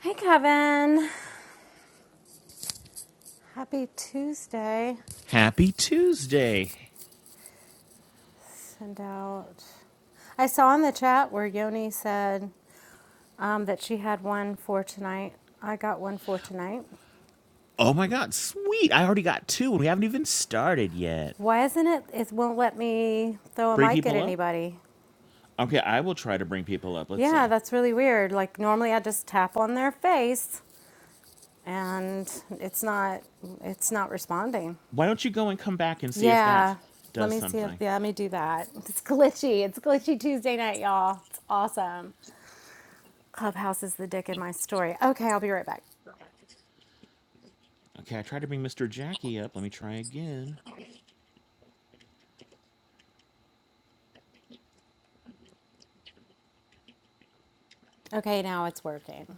Hey, Kevin. Happy Tuesday. Happy Tuesday. Send out. I saw in the chat where Yoni said um, that she had one for tonight. I got one for tonight. Oh my God, sweet. I already got two and we haven't even started yet. Why isn't it? It won't let me throw a Bring mic at people up? anybody. Okay, I will try to bring people up. Let's Yeah, see. that's really weird. Like normally I just tap on their face and it's not it's not responding. Why don't you go and come back and see if that Yeah. Let does me see if something? yeah, let me do that. It's glitchy. It's glitchy Tuesday night, y'all. It's awesome. Clubhouse is the dick in my story. Okay, I'll be right back. Okay, I tried to bring Mr. Jackie up. Let me try again. Okay, now it's working.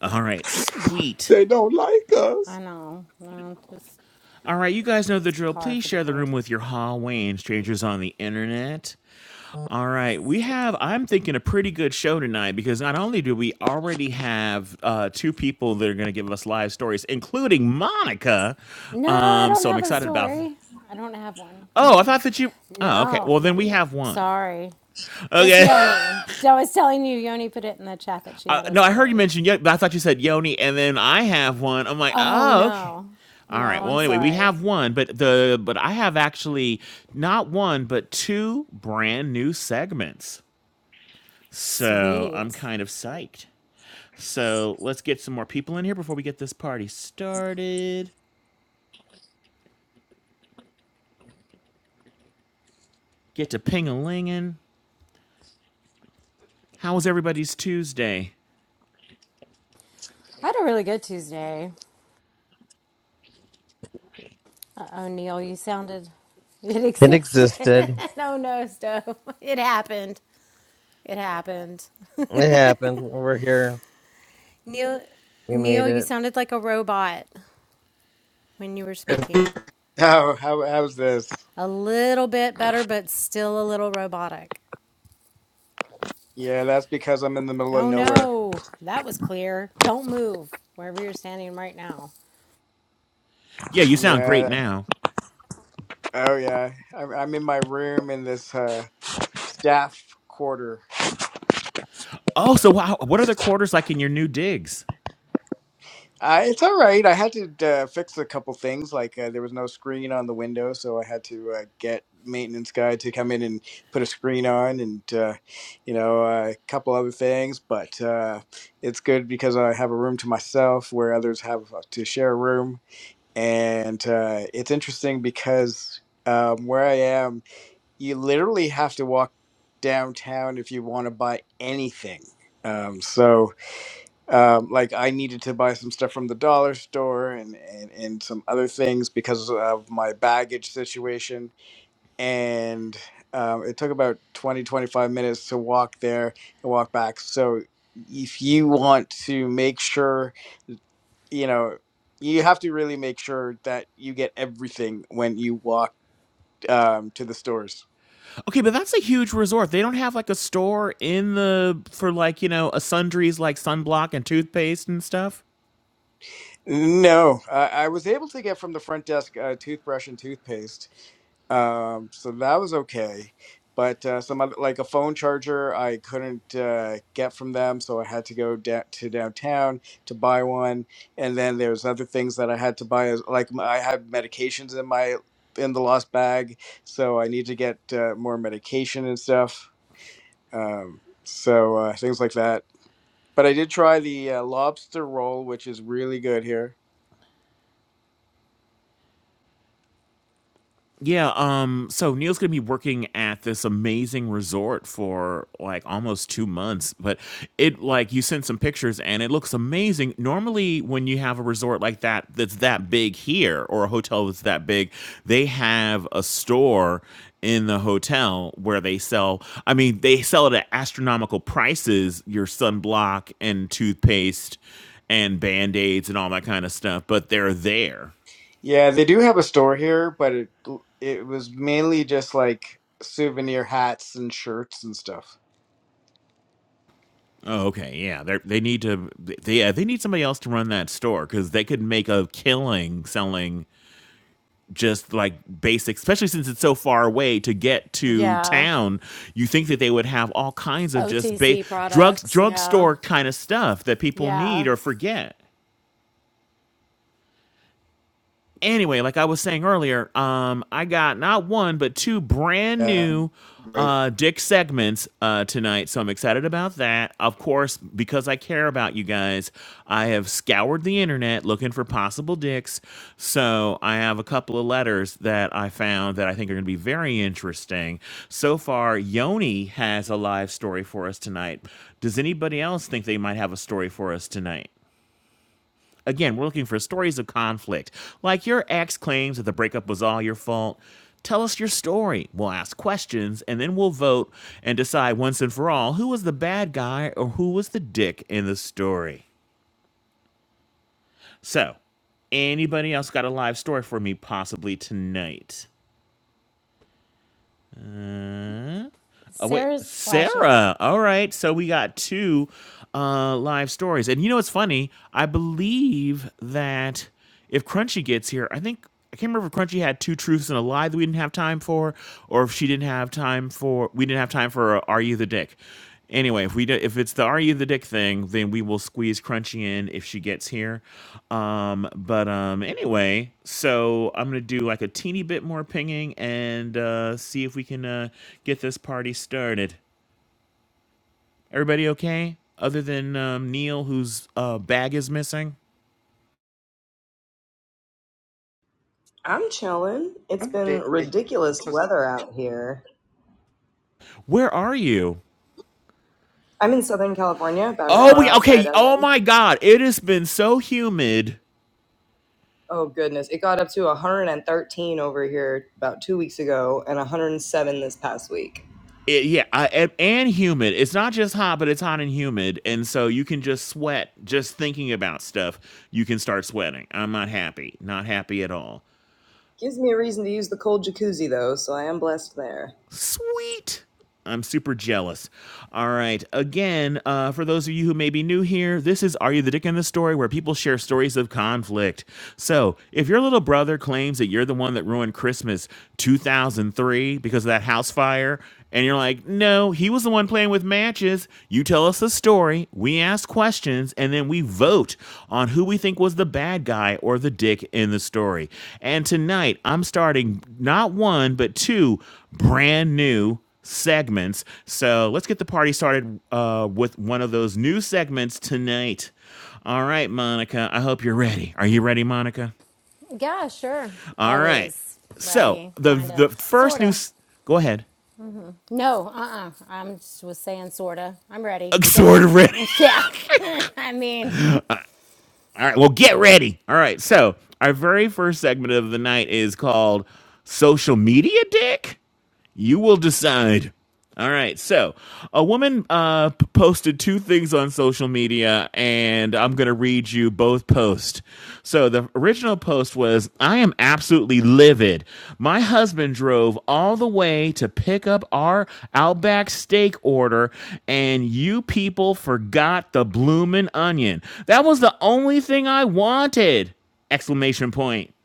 All right, sweet. They don't like I us. know. No, just All right, you guys know the it's drill. par Please for the share the course. room with your hallway and strangers on the internet. All right, we have. I'm thinking a pretty good show tonight because not only do we already have uh, two people that are going to give us live stories, including Monica. No, I Um, don't so I'm have a excited about. story. I don't have one. Oh, I thought that you. Oh, okay. No, Well, then we have one. sorry. Just Okay. Yoni. I was telling you, Yoni put it in the chat that she Uh, had a no, I heard you story. mention. Yo- I thought you said Yoni, and then I have one. I'm like, Oh, oh, okay. no. All No, right. I'm Well, anyway, we sorry. have one, but the but I have actually not one, but two brand new segments. So I'm Sweet. kind of psyched. So let's get some more people in here before we get this party started. Get to ping a lingin. How was everybody's Tuesday? I had a really good Tuesday. Uh oh, Neil, you sounded. It It existed. existed. no, no, Stove. It happened. It happened. It happened. We're here. Neil, We made Neil, you it. sounded like a robot when you were speaking. How how how's this? A little bit better, but still a little robotic. Yeah, that's because I'm in the middle of Oh nowhere. no, that was clear. Don't move wherever you're standing right now. Yeah, you sound great Yeah. now. Oh yeah. I'm I'm in my room in this uh staff quarter. Oh, so wow, what are the quarters like in your new digs? Uh, it's all right. I had to uh, fix a couple things. Like uh, there was no screen on the window, so I had to uh, get maintenance guy to come in and put a screen on, and uh, you know uh, a couple other things. But uh, it's good because I have a room to myself, where others have uh, to share a room. and uh, it's interesting because um, where I am, you literally have to walk downtown if you want to buy anything. Um, so, um, like, I needed to buy some stuff from the dollar store and and, and some other things because of my baggage situation, and um, it took about 20 25 minutes to walk there and walk back. So, if you want to make sure you know you have to really make sure that you get everything when you walk um, to the stores Okay, but that's a huge resort. They don't have like a store in the for like you know a sundries like sunblock and toothpaste and stuff. no I, I was able to get from the front desk a toothbrush and toothpaste um, so that was okay but uh, some other like a phone charger i couldn't uh, get from them so i had to go da- to downtown to buy one and then there's other things that i had to buy as like m- i had medications in my in the lost bag so i need to get uh, more medication and stuff Um, so uh, things like that. But I did try the uh, lobster roll, which is really good here. Yeah, um, so Neil's gonna be working at this amazing resort for like almost two months, but it like you sent some pictures and it looks amazing. Normally, when you have a resort like that that's that big here or a hotel that's that big, they have a store in the hotel where they sell I mean, they sell it at astronomical prices, your sunblock and toothpaste and band-aids and all that kind of stuff, but they're there. Yeah, they do have a store here, but it it was mainly just like souvenir hats and shirts and stuff. Oh, okay. Yeah, they they need to they yeah, they need somebody else to run that store cuz they could make a killing selling just like basic especially since it's so far away to get to Yeah, town. You think that they would have all kinds of just ba- OTC drugs products. Yeah, drugstore kind of stuff that people need yeah. or forget. anyway, like I was saying earlier, um, I got not one but two brand Yeah, new right. uh, Dick segments uh, tonight, so I'm excited about that. Of course, because I care about you guys, I have scoured the internet looking for possible dicks. So I have a couple of letters that I found that I think are going to be very interesting. So far, Yoni has a live story for us tonight. Does anybody else think they might have a story for us tonight? Again, we're looking for stories of conflict. Like your ex claims that the breakup was all your fault. Tell us your story. We'll ask questions and then we'll vote and decide once and for all who was the bad guy or who was the dick in the story. So, anybody else got a live story for me possibly tonight? Oh wait, Sarah's flashing. Sarah. All right, so we got two uh, live stories, and you know what's funny? I believe that if Crunchy gets here, I think I can't remember if Crunchy had two truths and a lie that we didn't have time for, or if she didn't have time for we didn't have time for uh, Are You the Dick? Anyway, if we do, if it's the are you the dick thing, then we will squeeze Crunchy in if she gets here. Um, but um, anyway, so I'm gonna do like a teeny bit more pinging and uh, see if we can uh, get this party started. Everybody okay? Other than um, Neil, whose uh, bag is missing. I'm chilling. It's been ridiculous weather out here. Where are you? I'm in Southern California, about an Oh, we hour outside okay. LA. Oh my God, it has been so humid Oh goodness, it got up to 113 over here about two weeks ago, and 107 this past week. It, yeah, I, and, and humid. It's not just hot, but it's hot and humid, and so you can just sweat just thinking about stuff. You can start sweating. I'm not happy. Not happy at all. Gives me a reason to use the cold jacuzzi though, so I am blessed there. Sweet. I'm super jealous. All right. Again, uh, for those of you who may be new here, this is Are You the Dick in the Story, where people share stories of conflict. So if your little brother claims that you're the one that ruined Christmas 2003 because of that house fire, And you're like, no, he was the one playing with matches. You tell us the story, we ask questions, and then we vote on who we think was the bad guy or the dick in the story. And tonight, I'm starting not one, but two brand new segments. So let's get the party started uh, with one of those new segments tonight. All right, Monica, I hope you're ready. Are you ready, Monica? Yeah, sure. All right. Always So ready, the kind of, the sort first new. of. s- Go ahead. No, uh uh i am was saying sort of. I'm ready. I'm Go sort ahead. of ready. yeah. I mean, All right, well, get ready. All right, so our very first segment of the night is called Social Media Dick. You will decide. All right. So, a woman uh, p- posted two things on social media, and I'm going to read you both posts. So, the original post was I am absolutely livid. My husband drove all the way to pick up our Outback steak order, and you people forgot the bloomin' onion. That was the only thing I wanted! Exclamation point.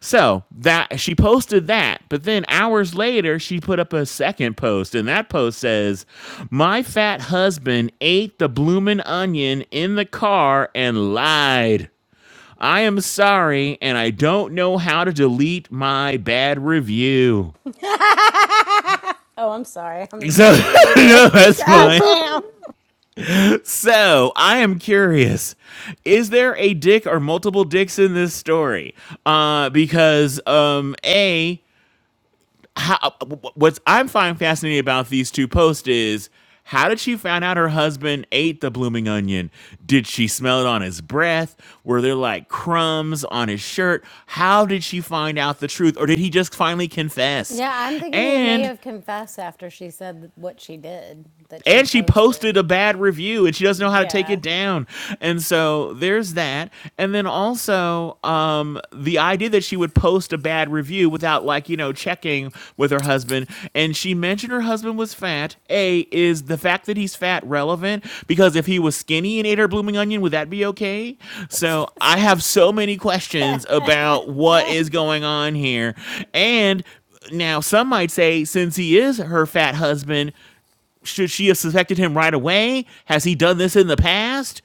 So that she posted that, but then hours later she put up a second post, and that post says, "My fat husband ate the bloomin' onion in the car and lied. I am sorry, and I don't know how to delete my bad review." oh, I'm sorry. I'm So not muted. no, that's God fine. damn. So I am curious: Is there a dick or multiple dicks in this story? Uh, because um, a how what's I'm finding fascinating about these two posts is how did she find out her husband ate the blooming onion? Did she smell it on his breath? Were there like crumbs on his shirt? How did she find out the truth? Or did he just finally confess? Yeah, I'm thinking he may And have confessed after she said what she did that she and she posted posted. a bad review and she doesn't know how to take Yeah, it down and so there's that and then also um the idea that she would post a bad review without like you know checking with her husband and she mentioned her husband was fat a is the fact that he's fat relevant because if he was skinny and ate her blooming onion would that be okay so i have so many questions Kevin. about what is going on here and now, some might say, since he is her fat husband, should she have suspected him right away? Has he done this in the past?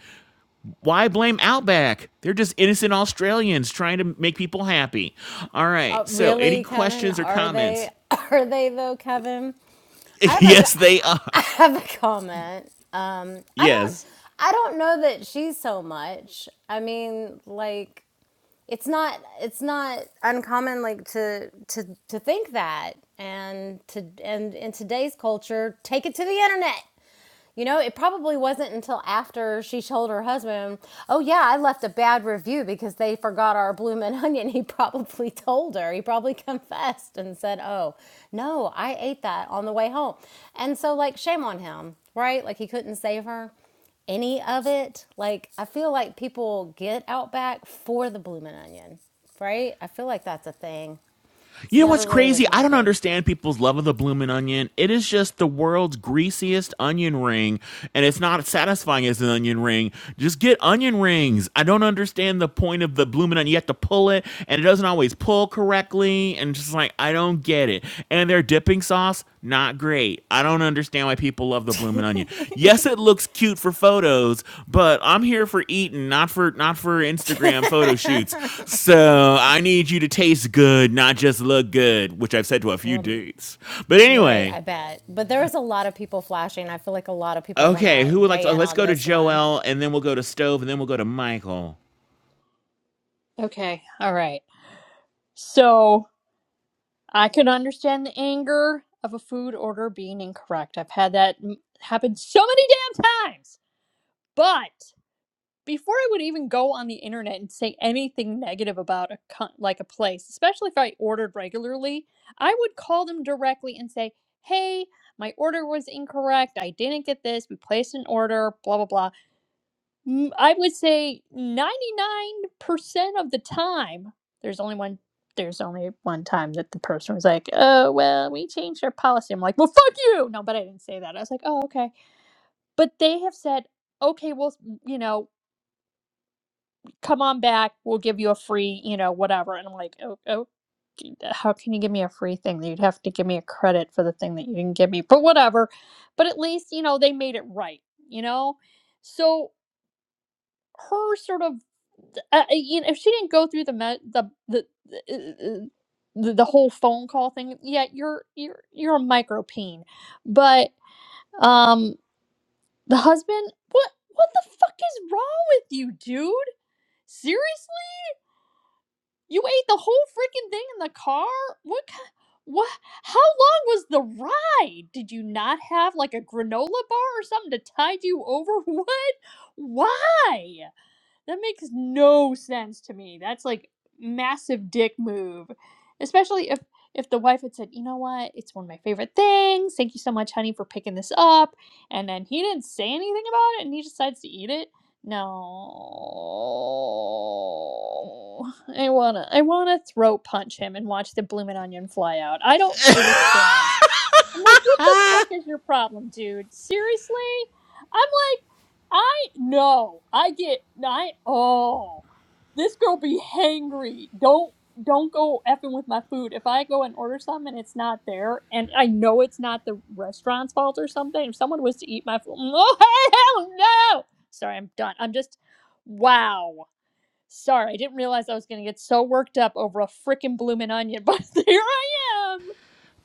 Why blame Outback? They're just innocent Australians trying to make people happy. All Uh, right. So, any really, Kevin? questions or Are they? comments? Are they though, Kevin? I have a. yes, they are. I have a comment. Um, I don't. Yes. I don't know that she's so much. I mean, like. it's not it's not uncommon like to to to think that and to and in today's culture take it to the internet you know, it probably wasn't until after she told her husband, Oh, yeah, I left a bad review because they forgot our bloomin' onion. He probably told her. He probably confessed and said, Oh, no, I ate that on the way home. And so, like, shame on him, right? Like, he couldn't save her any of it. Like, I feel like people get out back for the bloomin' onion, right? I feel like that's a thing. You It's know what's never really crazy? was I my don't thing. understand people's love of the bloomin' onion. It is just the world's greasiest onion ring, and it's not satisfying as an onion ring. Just get onion rings. I don't understand the point of the bloomin' onion. You have to pull it, and it doesn't always pull correctly, and just like I don't get it. and their dipping sauce not great. I don't understand why people love the bloomin' onion. Yes, it looks cute for photos, but I'm here for eating, not for not for Instagram photo shoots. So I need you to taste good, not just look good, which I've said to a few Well, dudes. But Right, I anyway, bet. But there was a lot of people flashing. I feel like a lot of people want okay, to who would like weigh to? oh, in let's on go to this one. Joel, and then we'll go to Stove, and then we'll go to Michael. Okay, all right. So I can understand the anger of a food order being incorrect. I've had that m- happen so many damn times. But before I would even go on the internet and say anything negative about a co- like a place, especially if I ordered regularly, I would call them directly and say, "Hey, my order was incorrect. I didn't get this. We placed an order. Blah blah blah." Mm, I would say 99% of the time, there's only one there's only one time that the person was like, "Oh, well, we changed our policy." I'm like, "Well, fuck you." No, but I didn't say that. I was like, "Oh, okay." But they have said, "Okay, well, you know, come on back. We'll give you a free, you know, whatever." And I'm like, "Oh, oh how can you give me a free thing? You'd have to give me a credit for the thing that you didn't give me." But whatever. But at least, you know, they made it right, you know? So her sort of uh, you know if she didn't go through the me- the the the, uh, the the whole phone call thing yeah you're you're you're a micro peen but um the husband what what the fuck is wrong with you dude seriously you ate the whole freaking thing in the car what ki- what how long was the ride did you not have like a granola bar or something to tide you over what why That makes no sense to me. That's like massive dick move. Especially if if the wife had said, "You know what? It's one of my favorite things. Thank you so much, honey, for picking this up." And then he didn't say anything about it and he decides to eat it. No. I want to I want to throat punch him and watch the bloomin' onion fly out. I don't understand. I'm like, what the fuck is your problem, dude? Seriously? I'm like, I no, I get I oh, this girl be hangry. Don't don't go effing with my food. If I go and order something and it's not there, and I know it's not the restaurant's fault or something, if someone was to eat my food, oh hell no! Sorry, I'm done. I'm just wow. Sorry, I didn't realize I was gonna get so worked up over a freaking bloomin' onion, but here I am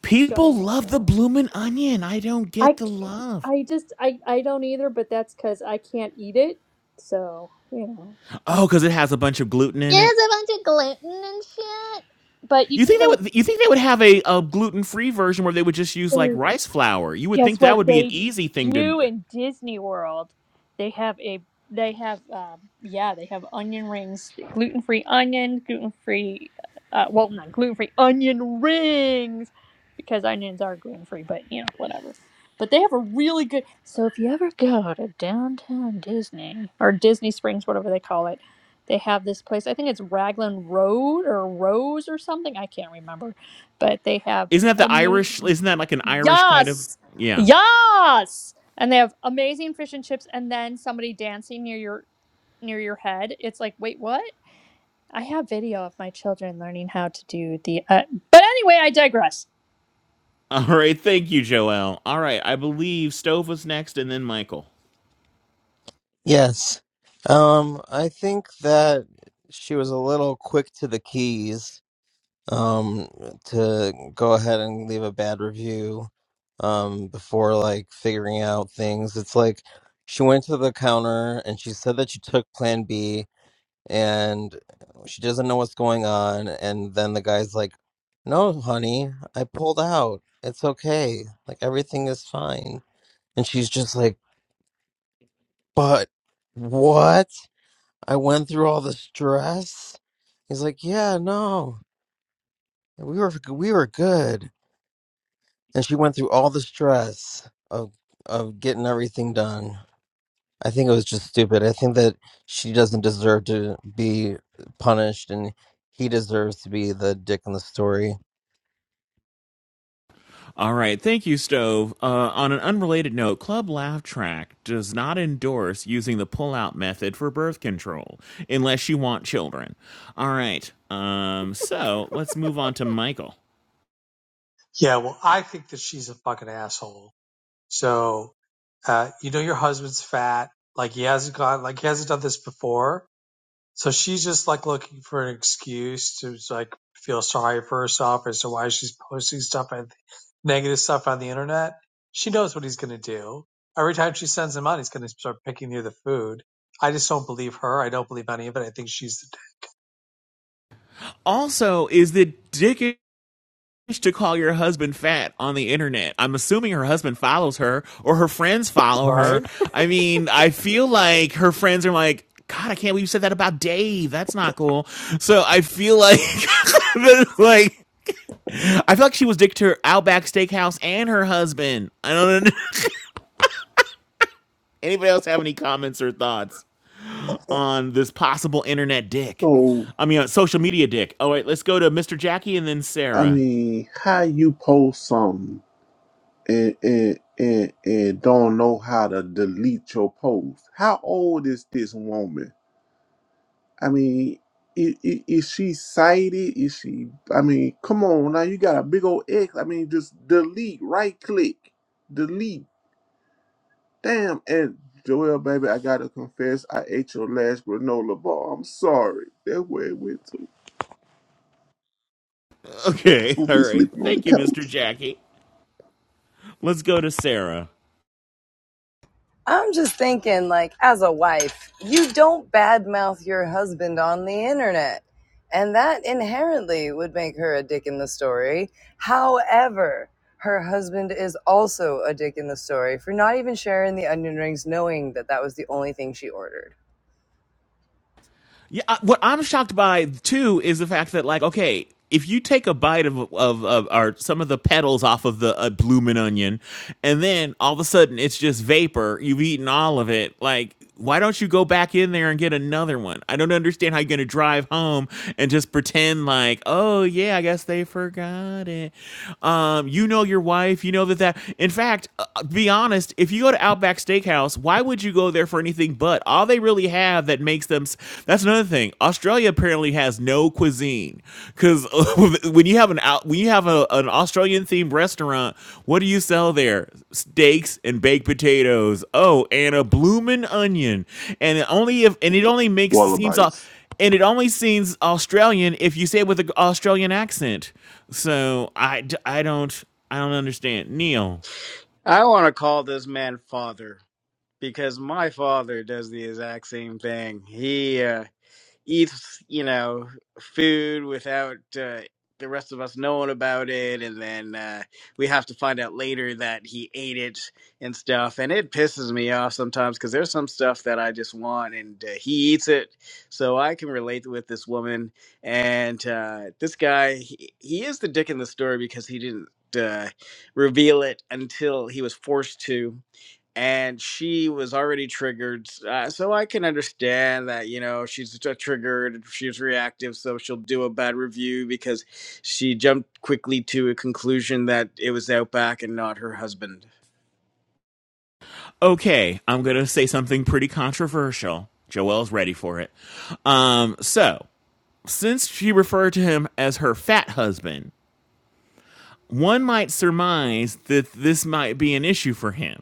People shutting up love the now. bloomin' onion. I don't I get the can't, love. I just I I don't either, but that's because I can't eat it. So you know, Oh, because it has a bunch of gluten in Yeah, it. it's a bunch of gluten and shit. but you You can think they go. would? You think they would have a, a gluten free version where they would just use like rice flour? You would Guess think that what would be an they easy thing to. do in Disney World? They have a they have um, yeah they have onion rings, gluten free onion, gluten free uh, well not gluten free onion rings because onions are gluten free, but you know whatever. But they have a really good. So if you ever go to downtown Disney or Disney Springs, whatever they call it, they have this place. I think it's Raglan Road or Rose or something. I can't remember, but they have Isn't that the Irish? amazing. Isn't that like an Irish kind of? Yes. Yeah. Yes. And they have amazing fish and chips and then somebody dancing near your near your head. It's like, "Wait, what?" I have video of my children learning how to do the uh, But anyway, I digress. All right. Thank you, Joel. All right. I believe Stove was next, and then Michael. yes. Um, I think that she was a little quick to the keys. Um, to go ahead and leave a bad review. Um, before like figuring out things, it's like she went to the counter and she said that she took Plan B, and she doesn't know what's going on and then the guy's like no honey i pulled out it's okay like everything is fine and she's just like but what i went through all the stress he's like yeah no we were we were good and she went through all the stress of of getting everything done i think it was just stupid i think that she doesn't deserve to be punished and he deserves to be the dick in the story All right. Thank you, Stove. Uh, on an unrelated note, Club Laugh Track does not endorse using the pull-out method for birth control unless you want children. All right. Um. So let's move on to Michael. Yeah, well, I think that she's a fucking asshole. So, uh, you know, your husband's fat. Like he hasn't gone, like he hasn't done this before. So she's just like looking for an excuse to like feel sorry for herself as to why she's posting stuff and negative stuff on the internet. She knows what he's going to do. Every time she sends him out, he's going to start picking near the food. I just don't believe her. I don't believe any of it. I think she's Also, is the dick to call your husband fat on the internet. I'm assuming her husband follows her or her friends follow right. her. I mean, I feel like her friends are like, God, I can't believe you said that about Dave. That's not cool. So I feel like, like, I feel like she was dicked to her Outback Steakhouse and her husband. I don't know. Anybody else have any comments or thoughts on this possible internet dick? So I mean, uh, social media dick. All right, let's go to Mr. Jackie and then I Sarah. mean, how you post something and and and, and don't know how to delete your post? How old is this woman? I mean, is, is she sighted? Is she? I mean, come on now, you got a big old X. I mean, just delete, right click, delete. Damn, and Joel, baby, I gotta confess, I ate your last granola bar. I'm sorry. That's where it went to. Okay, We'll all be right. sleeping on the Thank you, Mr. couch. Jackie. Let's go to Sarah. I'm just thinking, like, as a wife, you don't badmouth your husband on the internet. And that inherently would make her a dick in the story. However, her husband is also a dick in the story for not even sharing the onion rings, knowing that that was the only thing she ordered. Yeah, uh, what I'm shocked by too is the fact that like, okay, if you take a bite of of, of or some of the petals off of the uh, bloomin' onion, and then all of a sudden it's just vapor, you've eaten all of it. Like, why don't you go back in there and get another one? I don't understand how you're gonna drive home and just pretend like, oh yeah, I guess they forgot it. Um, you know your wife, you know that that. In fact, uh, uh, be honest, if you go to Outback Steakhouse, why would you? would you go there for anything but? All they really have that makes them. That's another thing. Australia apparently has no cuisine because when you have an out, when you have a, an Australian themed restaurant, what do you sell there? Steaks and baked potatoes. Oh, and a bloomin' onion. And it only if and it only makes seems. au- Wallabites. and it only seems Australian if you say it with an Australian accent. So I, d- I don't I don't understand. Neil, I want to call this man father because my father does the exact same thing. He uh, eats you know food without uh, the rest of us knowing about it and then uh, we have to find out later that he ate it and stuff and it pisses me off sometimes because there's some stuff that i just want and uh, he eats it so i can relate with this woman and uh, this guy he, he is the dick in the story because he didn't uh, reveal it until he was forced to and she was already triggered uh, so i can understand that you know she's t- triggered she's reactive so she'll do a bad review because she jumped quickly to a conclusion that it was outback and not her husband Okay, I'm going to say something pretty controversial. Joelle's ready for it. Um, so, since she referred to him as her fat husband, one might surmise that this might be an issue for him.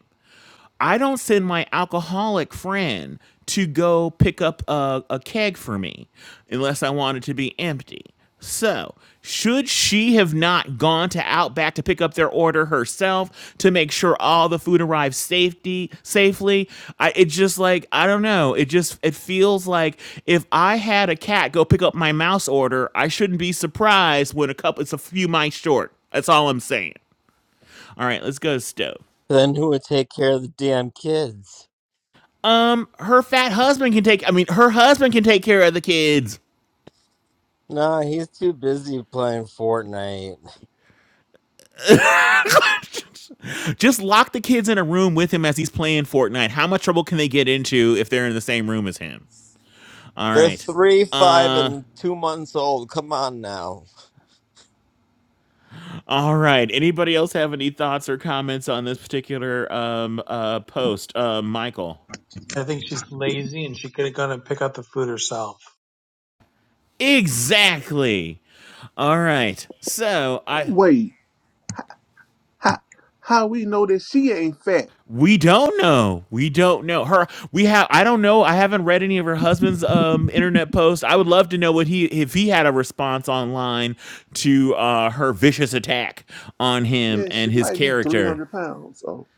I don't send my alcoholic friend to go pick up a, a keg for me unless I want it to be empty. So, should she have not gone to Outback to pick up their order herself to make sure all the food arrives safety safely? I it just like I don't know. It just it feels like if I had a cat go pick up my mouse order, I shouldn't be surprised when a couple it's a few mice short. That's all I'm saying. All right, let's go to stove. Then who would take care of the damn kids? um her fat husband can take i mean her husband can take care of the kids Nah, he's too busy playing Fortnite. just lock the kids in a room with him as he's playing fortnite how much trouble can they get into if they're in the same room as him all They're right three, five, uh and two months old. Come on now. all right anybody else have any thoughts or comments on this particular um uh post uh michael I think she's lazy and she could have gone and pick up the food herself. exactly all right so i Wait, how how we know that she ain't fat? We don't know. We don't know her. We have. I don't know. I haven't read any of her husband's um internet posts. I would love to know what he if he had a response online to uh her vicious attack on him Yeah, she and his might be three character. hundred pounds. So,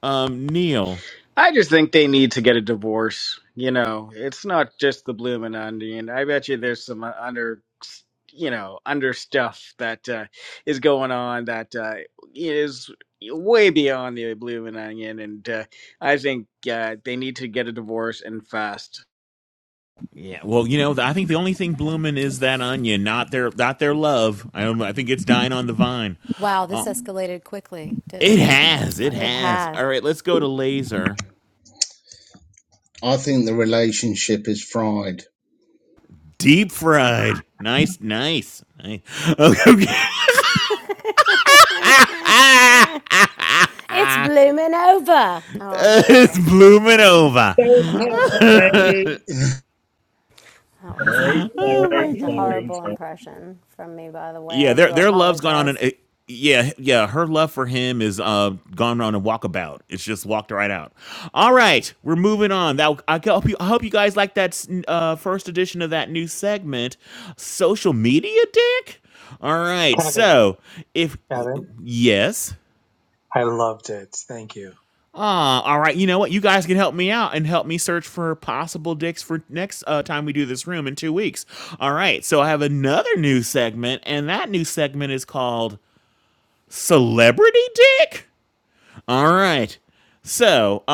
Um, Neil. I just think they need to get a divorce. You know, it's not just the bloomin' onion. I bet you there's some uh, under, you know, under stuff that uh, is going on that uh, is way beyond the bloomin' onion, and uh, I think uh, they need to get a divorce and fast. Yeah. Well, you know, I think the only thing blooming is that onion, not their not their love. I don't, I think it's dying on the vine. Wow, this Uh, escalated quickly, didn't it it? has. Oh, It It has. All has. right. Let's go to laser. I think the relationship is fried. Deep fried. Nice. Nice. nice. Okay. It's blooming over. Oh, I'm it's sorry. I blooming couldn't. over. I Sorry, couldn't help myself. That was. Oh That my sorry, was a god. sorry, horrible sorry. impression from me, by the way. Yeah, I their do their love's gone on an apologize. uh, yeah, yeah, her love for him is uh gone on a walkabout. It's just walked right out. All right, we're moving on. That I hope you I hope you guys like that uh first edition of that new segment, social media dick. All right. Kevin, So, if Kevin. yes. I loved it. Thank you. Ah, all right. You know what? You guys can help me out and help me search for possible dicks for next uh, time we do this room in two weeks. All right. So I have another new segment, and that new segment is called Celebrity Dick. All right. So, um,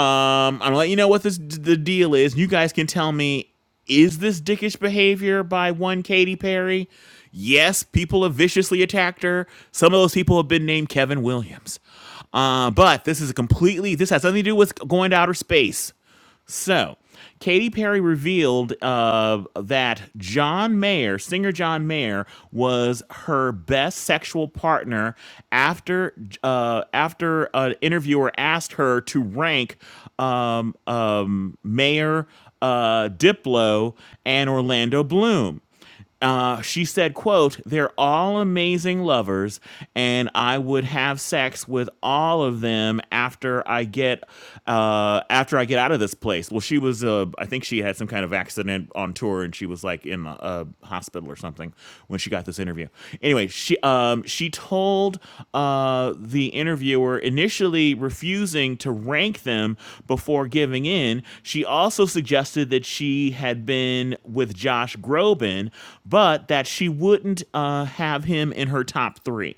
I'm gonna let you know what this the deal is. You guys can tell me is this dickish behavior by one Katy Perry? Yes, people have viciously attacked her. Some of those people have been named Kevin Williams. Uh, but this is a completely this has nothing to do with going to outer space. So, Katy Perry revealed uh, that John Mayer, singer John Mayer, was her best sexual partner after uh, after an interviewer asked her to rank um, um, Mayer, uh, Diplo, and Orlando Bloom uh, she said quote they're all amazing lovers and i would have sex with all of them after i get uh, after i get out of this place well she was uh, i think she had some kind of accident on tour and she was like in a, a hospital or something when she got this interview yeah. Anyway, she um she told uh the interviewer initially refusing to rank them before giving in. She also suggested that she had been with Josh Groban, but that she wouldn't uh have him in her top 3.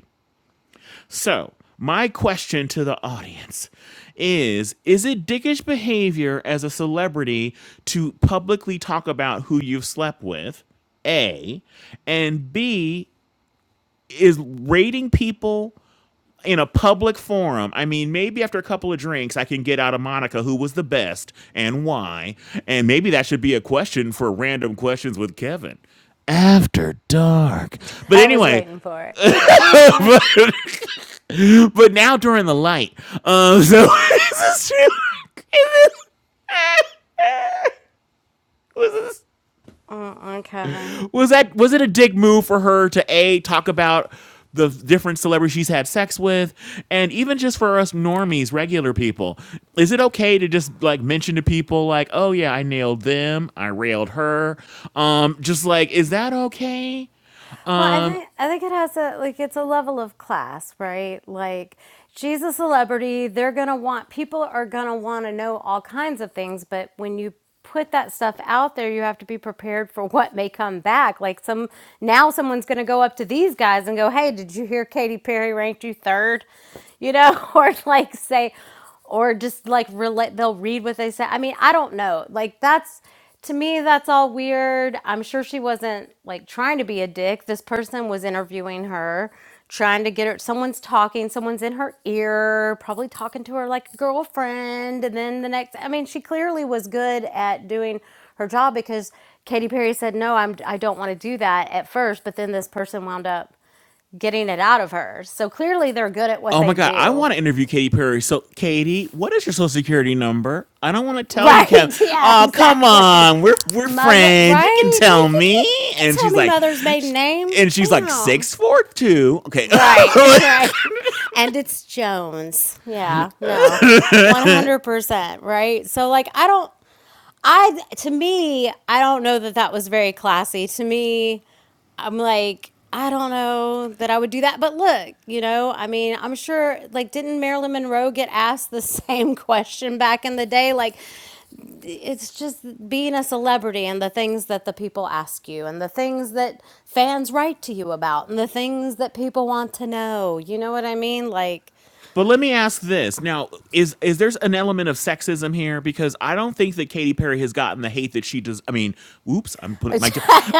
So, my question to the audience is is it dickish behavior as a celebrity to publicly talk about who you've slept with? A. And B, is rating people in a public forum. I mean, maybe after a couple of drinks, I can get out of Monica who was the best and why. And maybe that should be a question for random questions with Kevin. After dark. But I was anyway, waiting for it. but, but now during the light. Um, so is this true? Is this, was this Mm-mm, Kevin. Was that was it a dick move for her to a talk about the different celebrities she's had sex with, and even just for us normies, regular people, is it okay to just like mention to people like, oh yeah, I nailed them, I railed her, um, just like is that okay? Well, I Um, think I think it has a like it's a level of class, right? Like she's a celebrity, they're going to want people are going to want to know all kinds of things, but when you put that stuff out there, you have to be prepared for what may come back. Like some now someone's going to go up to these guys and go, "Hey, did you hear Katy Perry ranked you third? You know, or like say, or just like relate they'll read what they say i mean i don't know like that's to me that's all weird i'm sure she wasn't like trying to be a dick this person was interviewing her trying to get her someone's talking someone's in her ear probably talking to her like a girlfriend and then the next i mean she clearly was good at doing her job because Katy Perry said no I'm I don't want to do that at first but then this person wound up getting it out of her so clearly they're good at what Oh my they god, I do want to interview Katy Perry. So, Katie, what is your social security number? I don't want to tell you, Right. Kevin. Yeah, Oh, come exactly. on, we're we're Mother, friends. You can right? Like you tell me. could you could And tell she's me like, mother's maiden name. and she's like Bam. six four two. Okay, Right, right. And it's Jones. Yeah, no. 100%, right? So like I don't I to me, I don't know that that was very classy. To me, I'm like I don't know that I would do that, but look, you know, I mean, I'm sure like didn't Marilyn Monroe get asked the same question back in the day like it's just being a celebrity and the things that the people ask you and the things that fans write to you about and the things that people want to know. You know what I mean? Like, But let me ask this now: is is there's an element of sexism here? Because I don't think that Katy Perry has gotten the hate that she does. I mean, whoops, I'm putting my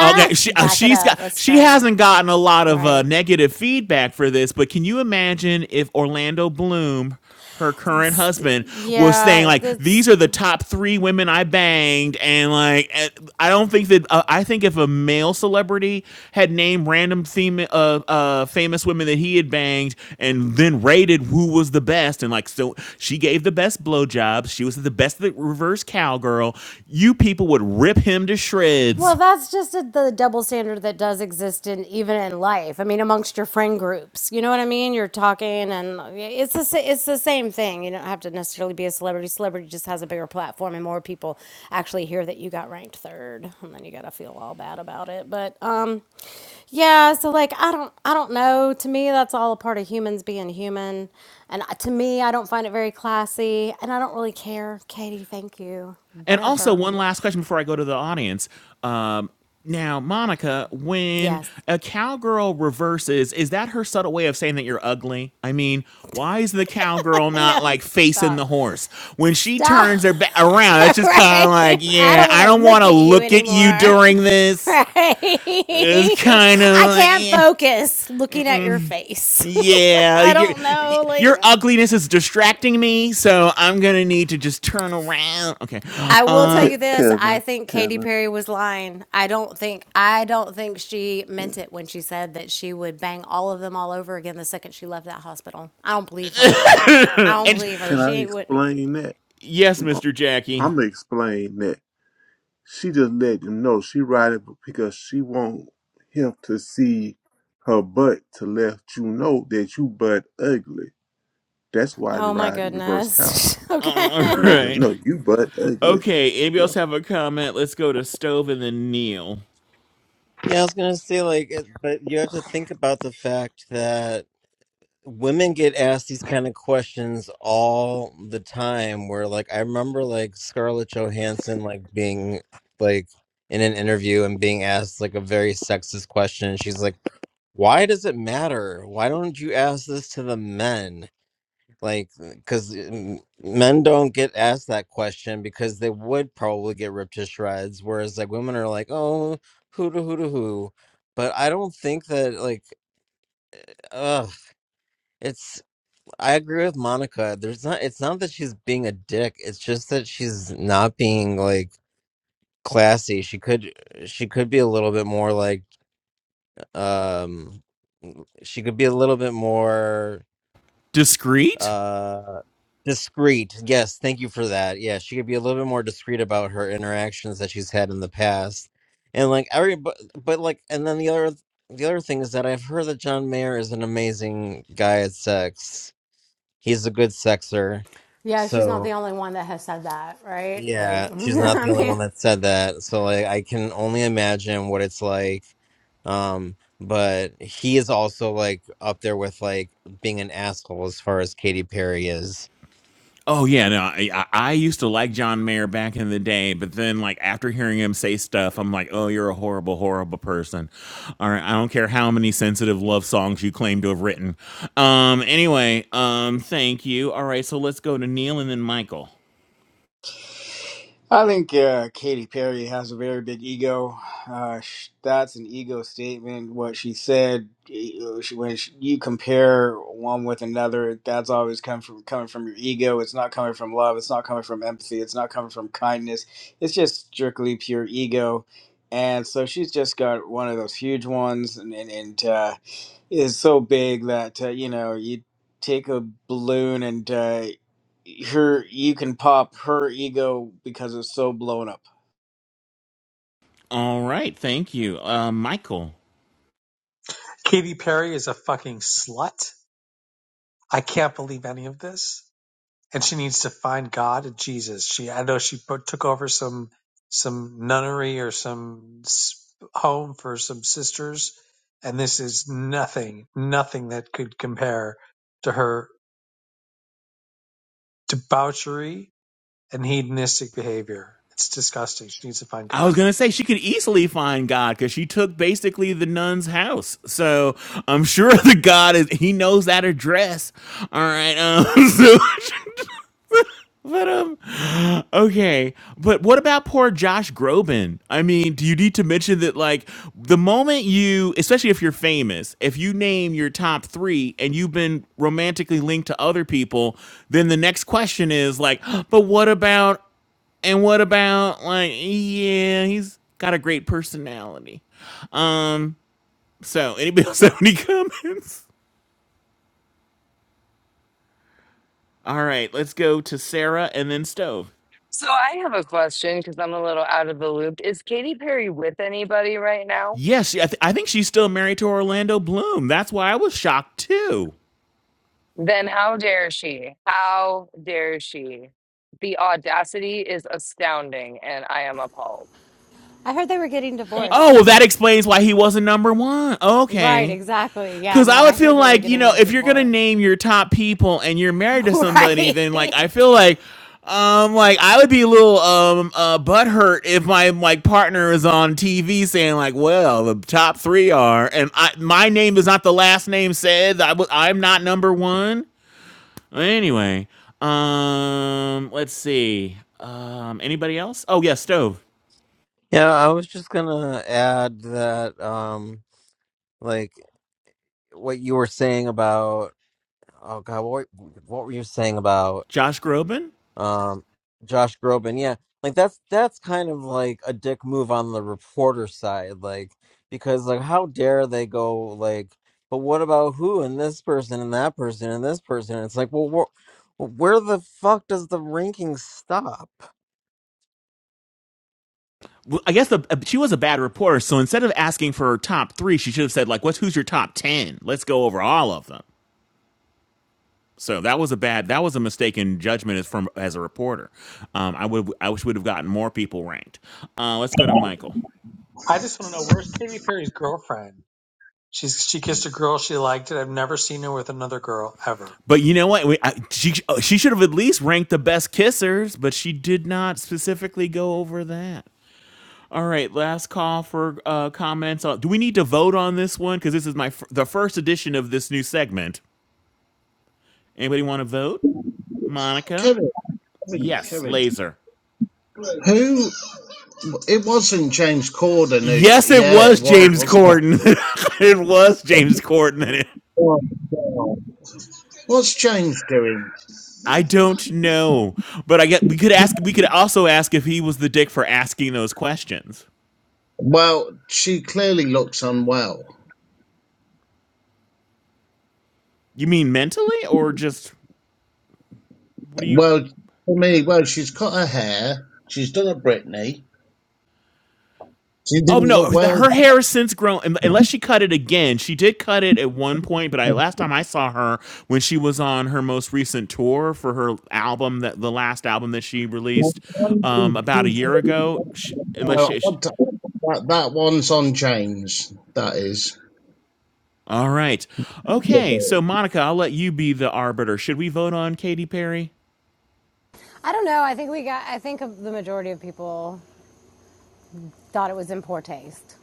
okay. She uh, it she's up. got Let's she try again. hasn't gotten a lot of uh, Right. negative feedback for this. But can you imagine if Orlando Bloom her current It's- husband was saying yeah, like that's. these are the top three women I banged and like and I don't think that uh, I think if a male celebrity had named random theme uh, uh famous women that he had banged and then rated who was the best and like so she gave the best blowjobs she was the best at the reverse cowgirl you people would rip him to shreds Well, that's just a, the double standard that does exist in even in life. I mean, amongst your friend groups, you know what I mean. You're talking, and yeah, it's the sa- it's the same thing. You don't have to necessarily be a celebrity. Celebrity just has a bigger platform, and more people actually hear that you got ranked third, and then you gotta feel all bad about it. But um, yeah. So like, I don't I don't know. To me, that's all a part of humans being human, and I- to me, I don't find it very classy, and I don't really care. Katie, thank you. And also, Whatever. one last question before I go to the audience. Um, now, Monica, when Yes. a cowgirl reverses, is that her subtle way of saying that you're ugly? I mean, why is the cowgirl No, not like facing the stop. horse? When she Stop. turns her back around, that's just kind of Right. like, I yeah, don't want I to don't want look to at you look at you anymore. during this. Right. It's kind I of like, can't eh, focus looking at your face. yeah, I your, don't know. Like, your ugliness is distracting me, so I'm gonna need to just turn around. Okay, I will tell um, Ke- you this. I Kevin, think Katy Kevin, Perry was lying. I don't think, I don't think she yeah. meant it when she said that she would bang all of them all over again the second she left that hospital. I don't believe her. I don't and believe her. can I She wouldn't. explain that? Yes, I'm, Mr. I'm Jackie. gonna explain that. She just let him know she riding because she want him to see her butt to let you know that you butt ugly. That's why they Oh my ride in reverse cow goodness. All okay. to let him right. know you butt ugly. Okay, anybody Yeah. else have a comment? Let's go to Stove and then Neil. Yeah, I was gonna say like, it- but you have to think about the fact that women get asked these kind of questions all the time. Where like, I remember like Scarlett Johansson like being like in an interview and being asked like a very sexist question, and she's like, "Why does it matter? Why don't you ask this to the men?" like because men don't get asked that question because they would probably get ripped to shreds whereas like women are like oh who to who to who but i don't think that like ugh it's i agree with monica there's not it's not that she's being a dick it's just that she's not being like classy she could uh, she could be a little bit more like um she could be a little bit more Discreet? Uh, discreet. Yes, thank you for that. Yeah, she could be a little bit more discreet about her interactions that she's had in the past, and like every but, but like and then the other the other thing is that I've heard that John Mayer is an amazing guy at sex. He's a good sexer. Yeah, she's not the So only one that has said that, right? Like, yeah, she's not I the only mean, one that said that. So like I can only imagine what it's like. Um, but he is also like up there with like being an asshole as far as Katy Perry is. Oh yeah, no, I, I used to like John Mayer back in the day, but then like after hearing him say stuff, I'm like, oh, you're a horrible, horrible person. All right, I don't care how many sensitive love songs you claim to have written. Um, anyway, um, thank you. All right, so let's go to Neil and then Michael. I think uh, Katy Perry has a very big ego. Uh, sh- that's an ego statement. What she said, eh, she- when she, you compare one with another, that's always come from coming from your ego. It's not coming from love. It's not coming from empathy. It's not coming from kindness. It's just strictly pure ego. And so she's just got one of those huge ones, and and, and uh, is so big that uh, you know you take a balloon and uh, her you can pop her ego because it's so blown up. All right, thank you, uh, Michael. Katy Perry is a fucking slut. I can't believe any of this. And she needs to find God and Jesus. She, I know she put, took over some, some nunnery or some home for some sisters. And this is nothing, nothing that could compare to her debauchery and hedonistic behavior. It's disgusting. She needs to find I was God. gonna say she could easily find God because she took basically the nun's house, so I'm sure the God is he knows that address. All right, um, so but um, okay, but what about poor Josh Groban? I mean, do you need to mention that like the moment you, especially if you're famous, if you name your top three and you've been romantically linked to other people, then the next question is like, but what about and what about like yeah, he's got a great personality. Um so anybody else have any comments? All right, let's go to Sarah and then Stove. Yes, she- I, th- I think she's still married to Orlando Bloom. That's why I was shocked too. then how dare she? How dare she? The audacity is astounding, and I am appalled. I heard they were getting Thank- Oh, divorced. well, that explains why he wasn't number one. right, Okay. exactly. Yeah, Cause no, I would I feel heard they were like, you getting know, a if you're gonna divorce. name your top people and you're married to somebody, right. then like I feel like um like I would be a little um uh butthurt if my like partner is on TV saying like, well, the top three are and I my name is not the last name said. I w- I'm not number one. Anyway, um let's see. Um anybody else? Oh yeah, stove. Yeah, I was just gonna add that, um, like what you were saying about, oh God, what what were you saying about, Josh Groban? um, Josh Groban? Yeah, like that's that's kind of like a dick move on the reporter side, like because like how dare they go like, but what about who and this person and that person and this person? it's like, well, wh- where the fuck does the ranking stop? well, I guess the, uh, she was a bad reporter. So instead of asking for her top three, she should have said like, "What's who's your top ten? Let's go over all of them." So that was a bad, that was a mistaken judgment as from as a reporter. Um, I would, I wish we would have gotten more people ranked. Uh, let's go to Michael. I just want to know where's Katy Perry's girlfriend? She she kissed a girl she liked, it. I've never seen her with another girl ever. But you know what? We, I, she oh, she should have at least ranked the best kissers, but she did not specifically go over that. All right, last call for uh, comments. Uh, Do we need to vote on this one? Because this is my the first edition of this new segment. Anybody want to vote? Monica. Kevin, Kevin, Yes, Kevin. laser. Who? It wasn't James Corden. Who, Yes, it yeah, it was was, James wasn't it? Corden. it was James Corden. Oh, God. What's James doing? I don't know, but I get we could ask. We could also ask if he was the dick for asking those questions. Well, she clearly looks unwell. You mean mentally, or just what do you? Well, for me, well, she's cut her hair. She's done a Britney. She Oh didn't look no, well. her hair has since grown. Unless she cut it again, she did cut it at one point. But I last time I saw her when she was on her most recent tour for her album that the last album that she Well, released um, about a year ago. She, unless she, I'd- That that one's on James. That is. All right. Okay. So, Monica, I'll let you be the arbiter. Should we vote on Katy Perry? I don't know. I think we got, I think the majority of people thought it was in poor taste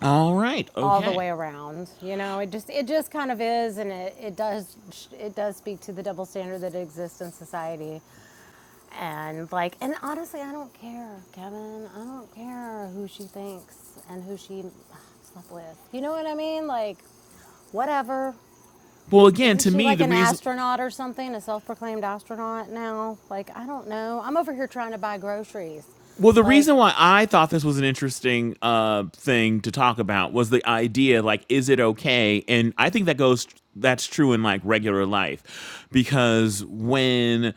All right. all the Okay. way around. You know, it just, it just kind of is. And it, it does, it does speak to the double standard that exists in society. And like, and honestly, I don't care, Kevin. I don't care who she thinks and who she slept with. You know what I mean? Like, whatever. Well, again, Isn't to she me, like the an reason. astronaut or something? A self-proclaimed astronaut now? Like, I don't know. I'm over here trying to buy groceries. Well, the reason Like, why I thought this was an interesting uh, thing to talk about was the idea, like, is it okay? And I think that goes, that's true in like regular life, because when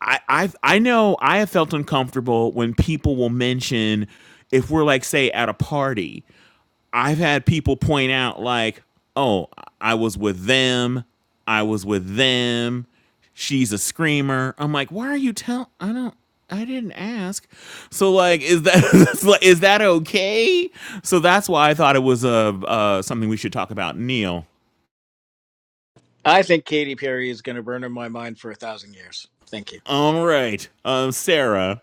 I I I know I have felt uncomfortable when people will mention if we're like say at a party I've had people point out like, "Oh, I was with them. I was with them. She's a screamer." I'm like, "Why are you telling? I don't. I didn't ask." So like, is that is that okay? So that's why I thought it was a uh, uh, something we should talk about, Neil. I think Katy Perry is going to burn in my mind for a thousand years. Thank you. All right, um, Sarah.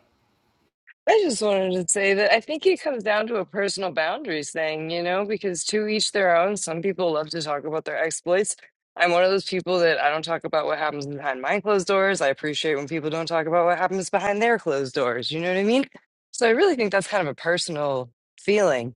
I just wanted to say that I think it comes down to a personal boundaries thing, you know, because to each their own. Some people love to talk about their exploits. I'm one of those people that I don't talk about what happens behind my closed doors. I appreciate when people don't talk about what happens behind their closed doors. You know what I mean? So I really think that's kind of a personal feeling.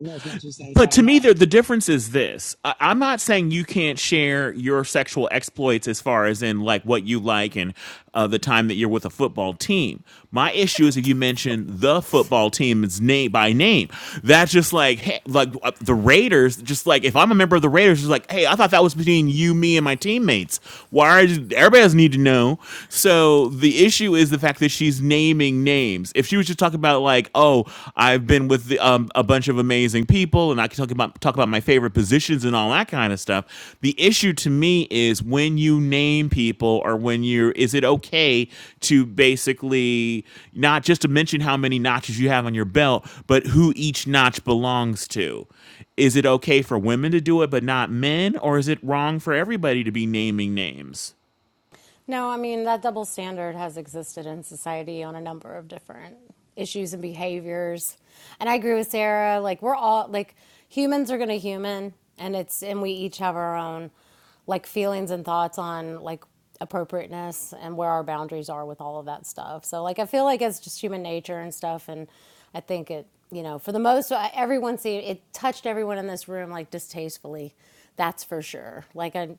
And That's my two cents but on to me, that. the difference is this. I, I'm not saying you can't share your sexual exploits as far as in like what you like and uh, the time that you're with a football team. My issue is if you mention the football team's name by name, that's just like hey, like uh, the Raiders. Just like if I'm a member of the Raiders, it's like hey, I thought that was between you, me, and my teammates. Why? Are, you, everybody doesn't need to know. So the issue is the fact that she's naming names names. If she was just talking about like, oh, I've been with the, um, a bunch of amazing people, and I can talk about talk about my favorite positions and all that kind of stuff. The issue to me is when you name people, or when you're, is it okay to basically not just to mention how many notches you have on your belt, but who each notch belongs to? Is it okay for women to do it but not men, or is it wrong for everybody to be naming names? No, I mean, that double standard has existed in society on a number of different issues and behaviors. And I agree with Sarah. Like, we're all, like, humans are going to human, and it's, and we each have our own, like, feelings and thoughts on, like, appropriateness and where our boundaries are with all of that stuff. So, like, I feel like it's just human nature and stuff. And I think it, you know, for the most, uh, everyone see it touched everyone in this room, like, distastefully. That's for sure. Like, I,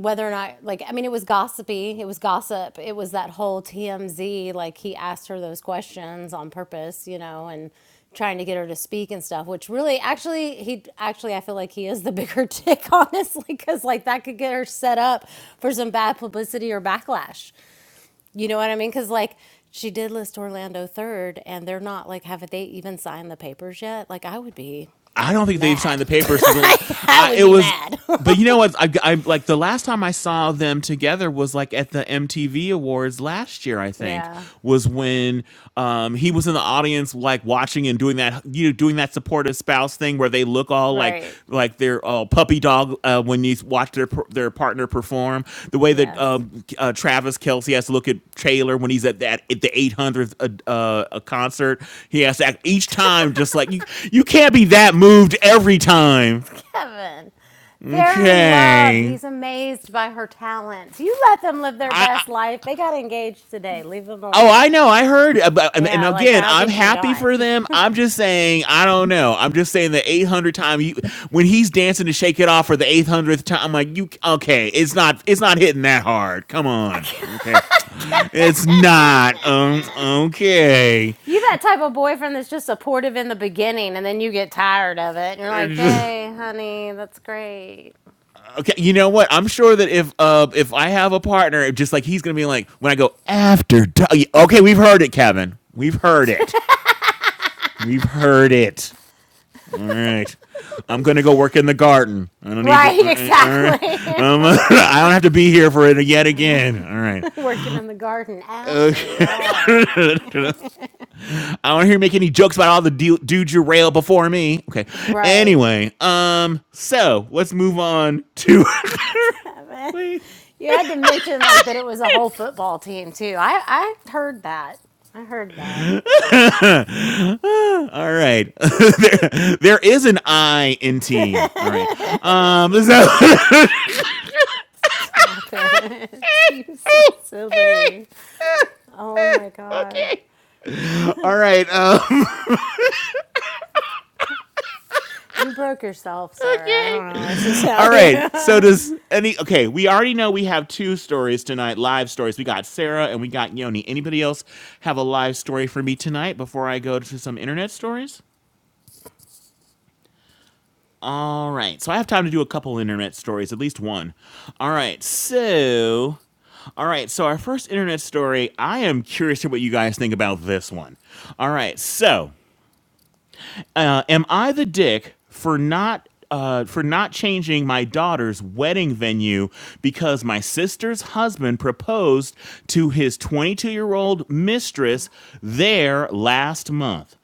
whether or not like i mean it was gossipy it was gossip it was that whole tmz like he asked her those questions on purpose you know and trying to get her to speak and stuff which really actually he actually i feel like he is the bigger dick honestly because like that could get her set up for some bad publicity or backlash you know what i mean because like she did list orlando third and they're not like haven't they even signed the papers yet like i would be I don't think they've signed mad the papers for the last. i would It be was, mad but you know what? I, I like the last time I saw them together was like at the MTV Awards last year. I think Yeah, was when um, he was in the audience, like watching and doing that, you know, doing that supportive spouse thing where they look all all like right. like their uh, puppy dog uh, when you watch their their partner perform. The way that Yes. um, uh, Travis Kelsey has to look at Taylor when he's at that at the 800th uh, uh, a concert, he has to act each time just like you. You can't be that moved every time. Kevin. They're in love. Okay, He's amazed by her talents. You let them live their best life. They got engaged today. Leave them Oh, alone. I know. I heard about, and Yeah, like again, how I'm could you happy not? for them. I'm just saying, I don't know. I'm just saying the 800th time you when he's dancing to Shake It Off for the 800th time, I'm like, you okay? It's not, it's not hitting that hard. Come on, Kevin. okay, it's not. Um, okay, You that type of boyfriend that's just supportive in the beginning and then you get tired of it and you're like, okay. "Hey, honey, that's great." You know what? I'm sure that if uh if I have a partner, just like he's gonna be like when I go after. Okay, we've heard it, Kevin. We've heard it. We've heard it. All right. I'm gonna go work in the garden. I don't need to. Right, All right. All right. exactly. Um, I don't have to be here for it yet again. All right. Working in the garden after dark. I don't hear you make any jokes about all the du- dudes you rail before me. Okay. Right. Anyway. Um. So let's move on to. Man, Wait. you had to mention like that it was a whole football team too. I I heard that. I heard that. Ah, all right. there, there is an I in team. All right. Um. So. Stop it. You're so silly. Oh my god. okay. All right. Um. You broke yourself, sir. I Okay. don't know what to tell All right. So you. does any okay, we already know we have two stories tonight, live stories. We got Sarah and we got Yoni. Anybody else have a live story for me tonight before I go to some internet stories? All right. So I have time to do a couple internet stories, at least one. All right. So all right, so our first internet story, I am curious to what you guys think about this one. All right, so uh, am I the dick for not uh, for not changing my daughter's wedding venue because my sister's husband proposed to his 22 year old mistress there last month?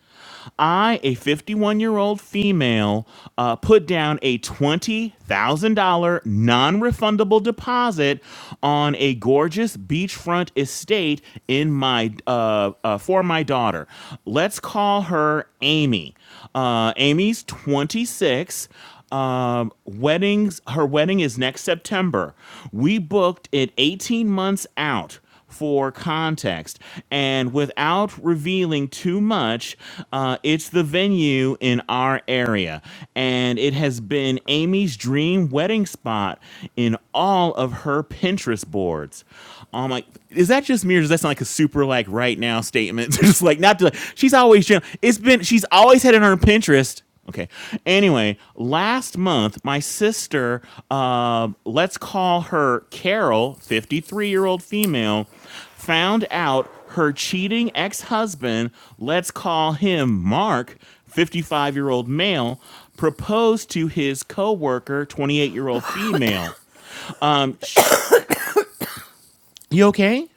I, a 51 year old female, uh, put down a $20,000 non refundable deposit on a gorgeous beachfront estate in my uh, uh, for my daughter. Let's call her Amy. Uh, Amy's 26 um, weddings her wedding is next september we booked it 18 months out for context. And without revealing too much, uh, it's the venue in our area. And it has been Amy's dream wedding spot in all of her Pinterest boards. I'm like, is that just me or does that sound like a super like right now statement? just like not to, she's always, gen- it's been, she's always had it on her Pinterest Okay. Anyway, last month, my sister, uh, let's call her Carol, 53 year old female, found out her cheating ex husband, let's call him Mark, 55 year old male, proposed to his coworker, 28 year old female. Um, sh- you okay?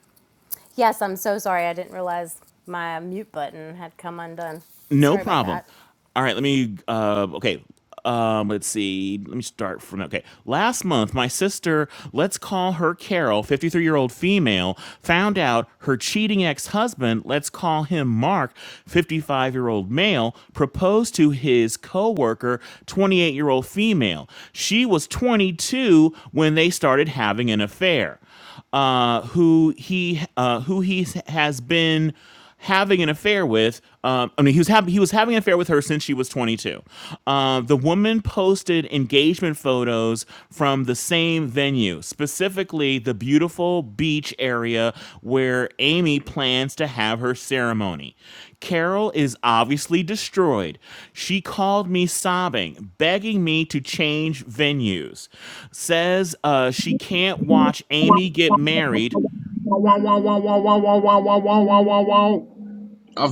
yes, I'm so sorry. I didn't realize my mute button had come undone. No Sorry about problem. that. All right, let me. Uh, okay, um, let's see. Let me start from. Okay, last month, my sister, let's call her Carol, fifty-three-year-old female, found out her cheating ex-husband, let's call him Mark, fifty-five-year-old male, proposed to his coworker, twenty-eight-year-old female. She was twenty-two when they started having an affair uh, who he uh, who he has been having an affair with. Um, I mean, he was having he was having an affair with her since she was 22. Uh, the woman posted engagement photos from the same venue, specifically the beautiful beach area where Amy plans to have her ceremony. Carol is obviously destroyed. She called me sobbing, begging me to change venues. Says uh, she can't watch I've Amy get married.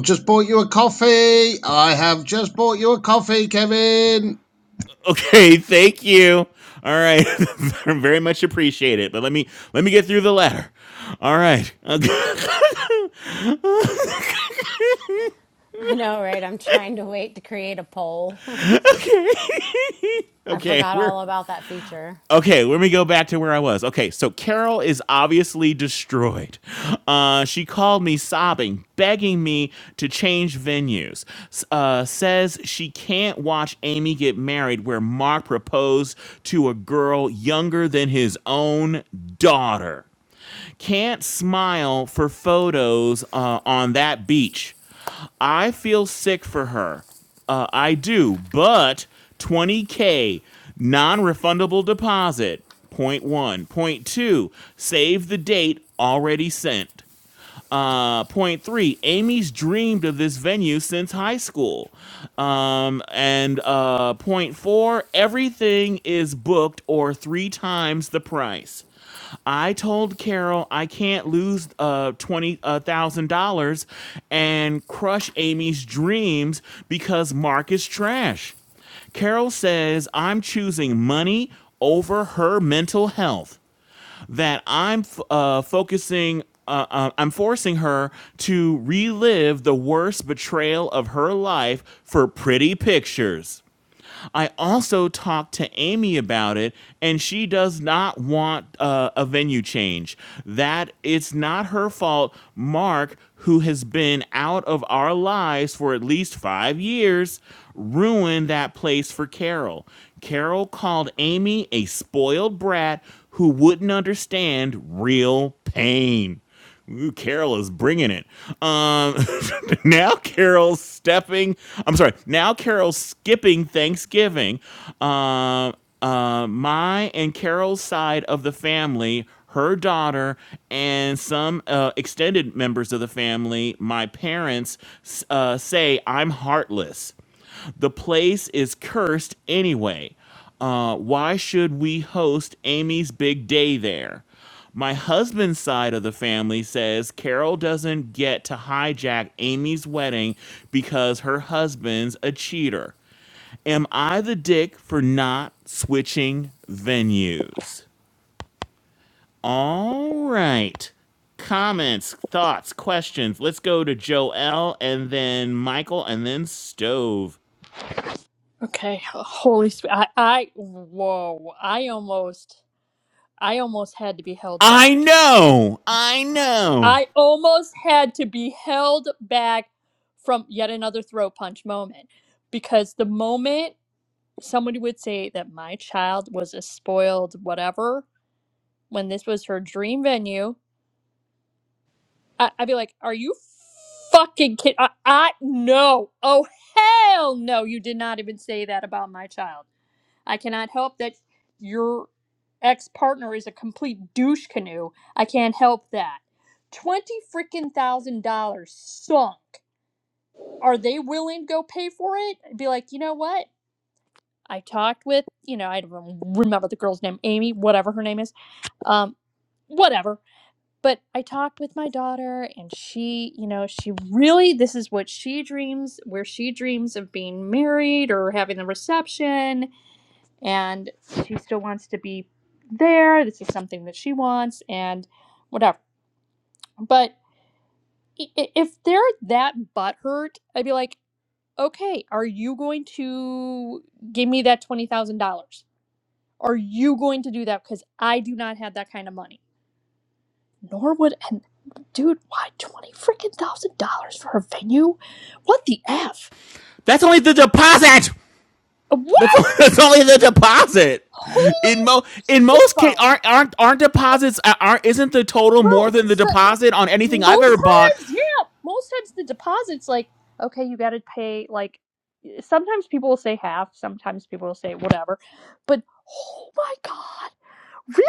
just bought you a coffee. I have just bought you a coffee, Kevin. Okay, thank you. All right, very much appreciate it. But let me let me get through the letter. All right. I know, right? I'm trying to wait to create a poll. I Okay, forgot we're all about that feature. Okay, let me go back to where I was. Okay, so Carol is obviously destroyed. Uh, she called me sobbing, begging me to change venues. S- Uh, says she can't watch Amy get married, where Mark proposed to a girl younger than his own daughter. Can't smile for photos uh, on that beach. I feel sick for her. Uh, I do, but 20K non refundable deposit. Point one. Point two, save the date already sent. Uh, point three, Amy's dreamed of this venue since high school. Um, and uh, point four, everything is booked or three times the price. I told Carol I can't lose uh twenty uh, thousand dollars and crush Amy's dreams because Mark is trash. Carol says I'm choosing money over her mental health that I'm uh, focusing. Uh, uh, I'm forcing her to relive the worst betrayal of her life for pretty pictures. I also talked to Amy about it, and she does not want uh, a venue change. That it's not her fault. Mark, who has been out of our lives for at least five years, ruined that place for Carol. Carol called Amy a spoiled brat who wouldn't understand real pain. Ooh, Carol is bringing it. Um, now Carol's stepping. I'm sorry. Now Carol's skipping Thanksgiving. Um, uh, my and Carol's side of the family, her daughter, and some uh, extended members of the family, my parents, s- uh, say I'm heartless. The place is cursed anyway. Uh, why should we host Amy's big day there? My husband's side of the family says Carol doesn't get to hijack Amy's wedding because her husband's a cheater. Am I the dick for not switching venues? All right. Comments, thoughts, questions. Let's go to Joel and then Michael and then Stove. Okay, h- holy sp- I I whoa, I almost I almost had to be held I back. know. I know. I almost had to be held back from yet another throat punch moment because the moment somebody would say that my child was a spoiled whatever when this was her dream venue, I, I'd be like, "Are you fucking kidding?" I, I no, oh hell no, you did not even say that about my child. I cannot help that your ex partner is a complete douche canoe. I can't help that. Twenty freaking thousand dollars sunk. Are they willing to go pay for it? I'd be like, you know what? I talked with, you know, I don't remember the girl's name, Amy, whatever her name is, um, whatever. But I talked with my daughter, and she, you know, she really, this is what she dreams, where she dreams of being married or having the reception, and she still wants to be there. This is something that she wants, and whatever. But if they're that butthurt, I'd be like, okay, are you going to give me that $20,000? Are you going to do that? Because I do not have that kind of money. Nor would and dude, why twenty freaking thousand dollars for a venue? What the f? That's only the deposit. What? That's, that's only the deposit. In Holy mo in most cases, shitballs! aren't aren't aren't What? deposits uh, aren't isn't the total more Well, than the so, deposit on anything I've most ever bought? times, yeah, most times the deposit's like, okay, you got to pay. Like sometimes people will say half, sometimes people will say whatever, but oh my god, really?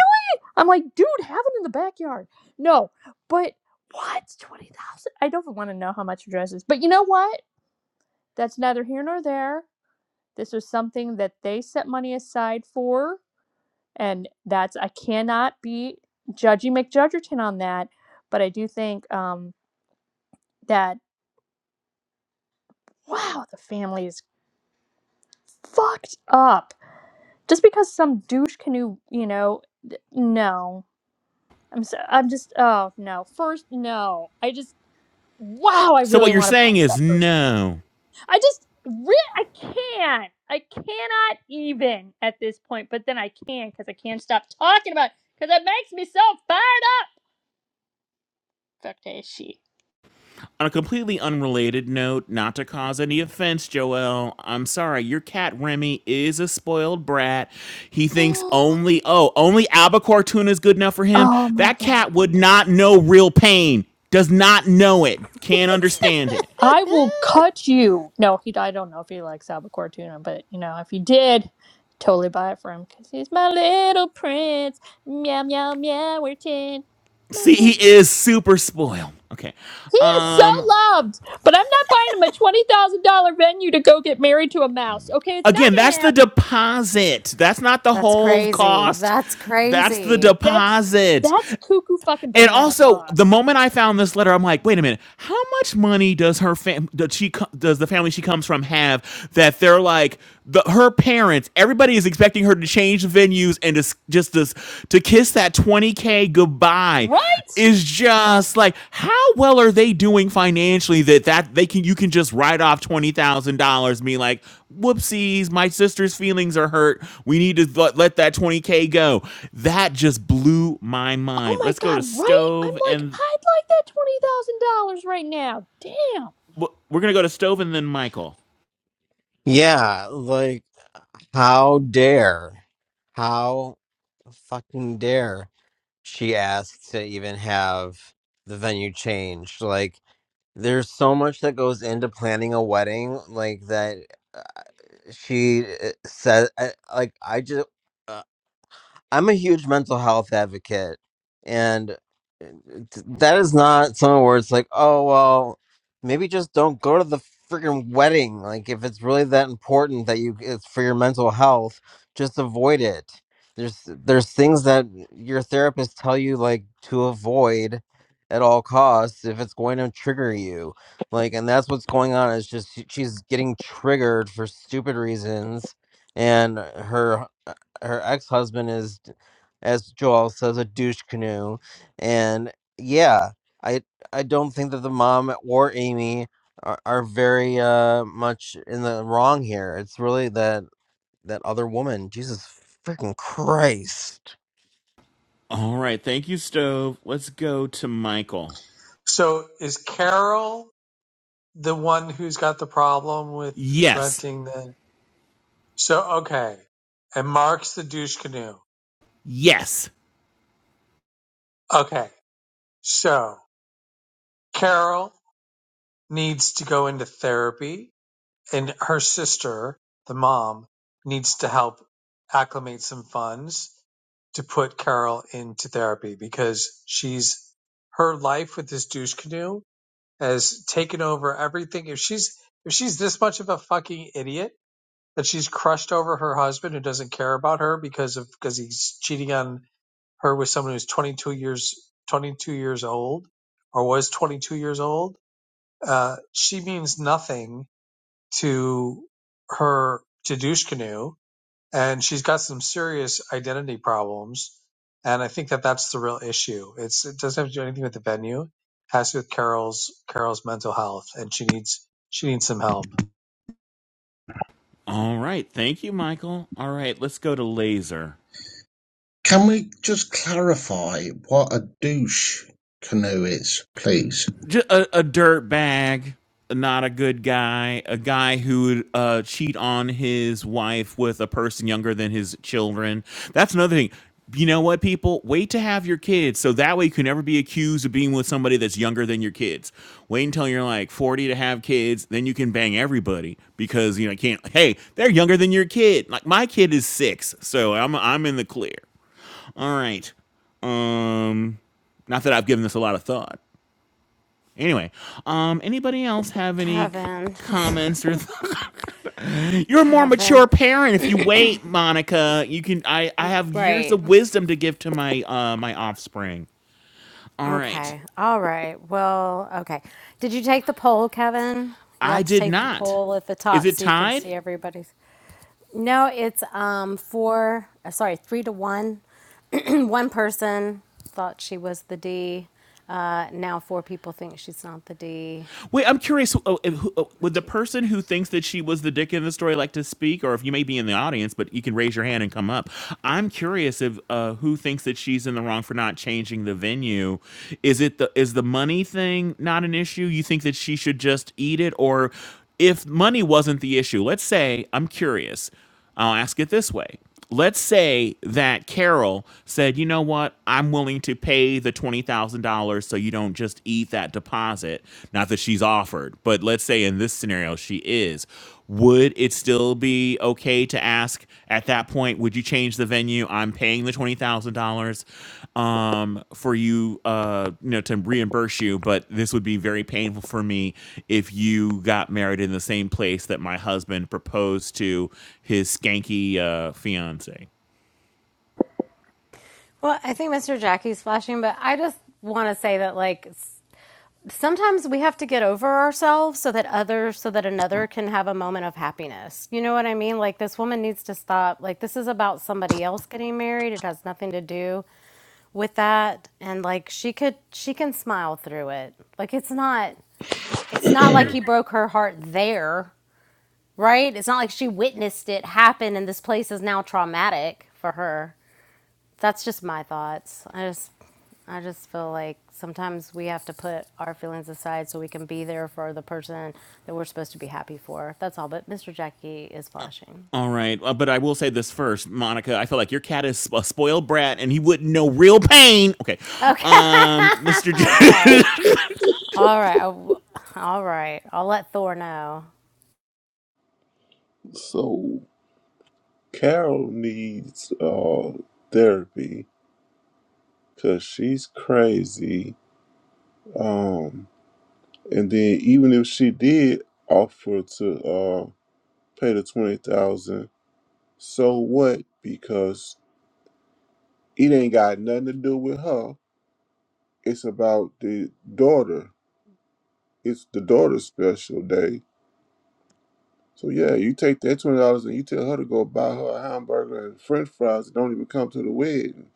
I'm like, dude, have it in the backyard. No, but what? Twenty thousand? dollars? I don't want to know how much your dress is. But you know what? That's neither here nor there. This was something that they set money aside for, and that's I cannot be judgy McJudgerton on that. But I do think um, that wow, the family is fucked up just because some douche canoe, you know, th- no. I'm so, I'm just oh no. First no. I just wow, I So really what you're want to saying punch is that person. no. I just, re- I can't. I cannot even at this point, but then I can because I can't stop talking about it because it makes me so fired up. Fuck is she? On a completely unrelated note, not to cause any offense, Joel, I'm sorry, your cat Remy is a spoiled brat. He thinks only, oh, only albacore tuna is good enough for him. Oh my That god. cat would not know real pain, does not know it, can't understand it. I will cut you. No, he. I don't know if he likes albacore tuna, but you know, if he did, totally buy it for him because he's my little prince. Meow meow meow. We're ten. my See, prince. he is super spoiled. Okay. He is so Um loved, but I'm not buying him a twenty thousand dollar venue to go get married to a mouse. Okay, it's again, not gonna that's the happen. deposit. That's not the That's whole crazy. cost. That's That's the crazy. That's deposit. that's cuckoo fucking And banana also, the sauce. moment I found this letter, I'm like, wait a minute, how much money does her fam does she co- does the family she comes from have that they're like the her parents? Everybody is expecting her to change venues and to just this to kiss that 20k goodbye. Right? Is just like how well are they doing financially that that they can you can just write off twenty thousand dollars be like whoopsies my sister's feelings are hurt we need to let, let that 20k go that just blew my Oh mind my let's go to god, right? I'm stove like, and I'd like that twenty thousand dollars right now. Damn. we're gonna go to stove and then michael Yeah, like how dare, how fucking dare she asked to even have the venue changed? Like, there's so much that goes into planning a wedding, like that uh, she uh, said. I, like, I just. uh, I'm a huge mental health advocate, and uh, th- that is not something where it's like, oh well, maybe just don't go to the freaking wedding. Like, if it's really that important that you it's for your mental health, just avoid it. There's there's things that your therapists tell you like to avoid at all costs if it's going to trigger you. Like, and that's what's going on. Is just she- she's getting triggered for stupid reasons, and her her ex-husband is as joel says a douche canoe and yeah i i don't think that the mom or amy are, are very uh much in the wrong here it's really that that other woman jesus freaking christ all right thank you stove let's go to michael So is Carol the one who's got the problem with yes renting the? So okay, and Mark's the douche canoe. yes Okay, so Carol needs to go into therapy, and her sister, the mom, needs to help acclimate some funds to put Carol into therapy because she's her life with this douche canoe has taken over everything. If she's if she's this much of a fucking idiot that she's crushed over her husband who doesn't care about her because of because he's cheating on her with someone who's 22 years 22 years old or was 22 years old, uh, she means nothing to her to douche canoe and she's got some serious identity problems. And I think that that's the real issue. It's it doesn't have to do anything with the venue, it has to do with Carol's Carol's mental health, and she needs she needs some help. all right thank you michael all right let's go to laser Can we just clarify what a douche canoe is, please? ju- a, a dirt bag, not a good guy, a guy who would uh, cheat on his wife with a person younger than his children. That's another thing. You know what, people? Wait to have your kids so that way you can never be accused of being with somebody that's younger than your kids. Wait until you're like 40 to have kids, then you can bang everybody because you know you can't. Hey, they're younger than your kid. Like my kid is six, so I'm I'm in the clear. All right. Um, not that I've given this a lot of thought. Anyway, um, anybody else have any c- Kevin. comments or? Th- You're a more Kevin. mature parent if you wait, Monica. You can. I I have years Right. of wisdom to give to my uh my offspring. All right, Okay. All right. Well, okay. Did you take the poll, Kevin? You I have to did take the not. poll at the Is top it so you can tied? see everybody's. No, it's um four, uh, sorry, three to one. one person thought she was the D. Uh, now four people think she's not the D. Wait, I'm curious. uh, uh, who- uh, One, Would the two, three. person who thinks that she was the dick in the story like to speak, or if you may be in the audience, but you can raise your hand and come up? I'm curious if uh, who thinks that she's in the wrong for not changing the venue. Is it the is the money thing not an issue? You think that she should just eat it, or if money wasn't the issue? Let's say I'm curious. I'll ask it this way. Let's say that Carol said, you know what, I'm willing to pay the $20,000 so you don't just eat that deposit. Not that she's offered, but let's say in this scenario she is. Would it still be okay to ask at that point, would you change the venue? I'm paying the $20,000 um for you uh you know to reimburse you but this would be very painful for me if you got married in the same place that my husband proposed to his skanky uh fiance Well, I think Mr. Jackie's flashing, but I just want to say that like sometimes we have to get over ourselves so that others so that another can have a moment of happiness you know what i mean like this woman needs to stop like this is about somebody else getting married it has nothing to do with that and like she could she can smile through it like it's not it's not like he broke her heart there right it's not like she witnessed it happen and this place is now traumatic for her that's just my thoughts. I just I just feel like sometimes we have to put our feelings aside so we can be there for the person that we're supposed to be happy for. That's all. But Mr. Jackie is flashing. all right uh, but i will say this first monica i feel like your cat is a spoiled brat and he wouldn't know real pain okay Okay. um mr J- okay. alright right. I w- All right. I'll let Thor know. So Carol needs uh therapy because she's crazy. Um, and then even if she did offer to uh pay the twenty thousand, so what? Because it ain't got nothing to do with her. It's about the daughter. it's the daughter's special day. So yeah, you take that twenty dollars and you tell her to go buy her a hamburger and French fries that don't even come to the wedding.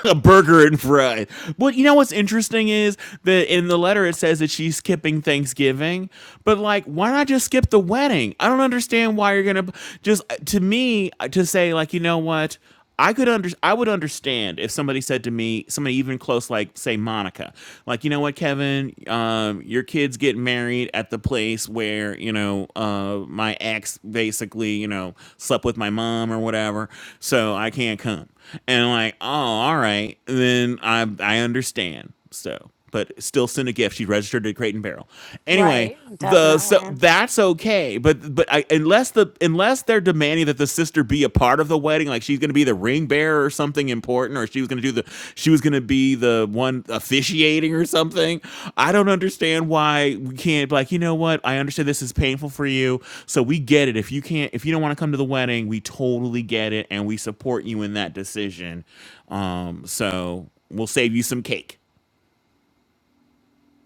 a burger and fries. But you know what's interesting is that in the letter it says that she's skipping Thanksgiving, but like, why not just skip the wedding? I don't understand why you're gonna just to me to say like, you know what? I could under I would understand if somebody said to me, somebody even close like say Monica, like you know what, Kevin, um, your kids getting married married at the place where you know uh, my ex basically you know slept with my mom or whatever, so I can't come." And I'm like, "Oh, all right, then I I understand." So, but still send a gift. She registered at Crate and Barrel. Anyway, Right. the so Definitely. that's okay but but I, unless the unless they're demanding that the sister be a part of the wedding like she's going to be the ring bearer or something important or she was going to do the she was going to be the one officiating or something i don't understand why we can't be like you know what i understand this is painful for you so we get it if you can't if you don't want to come to the wedding we totally get it and we support you in that decision um so we'll save you some cake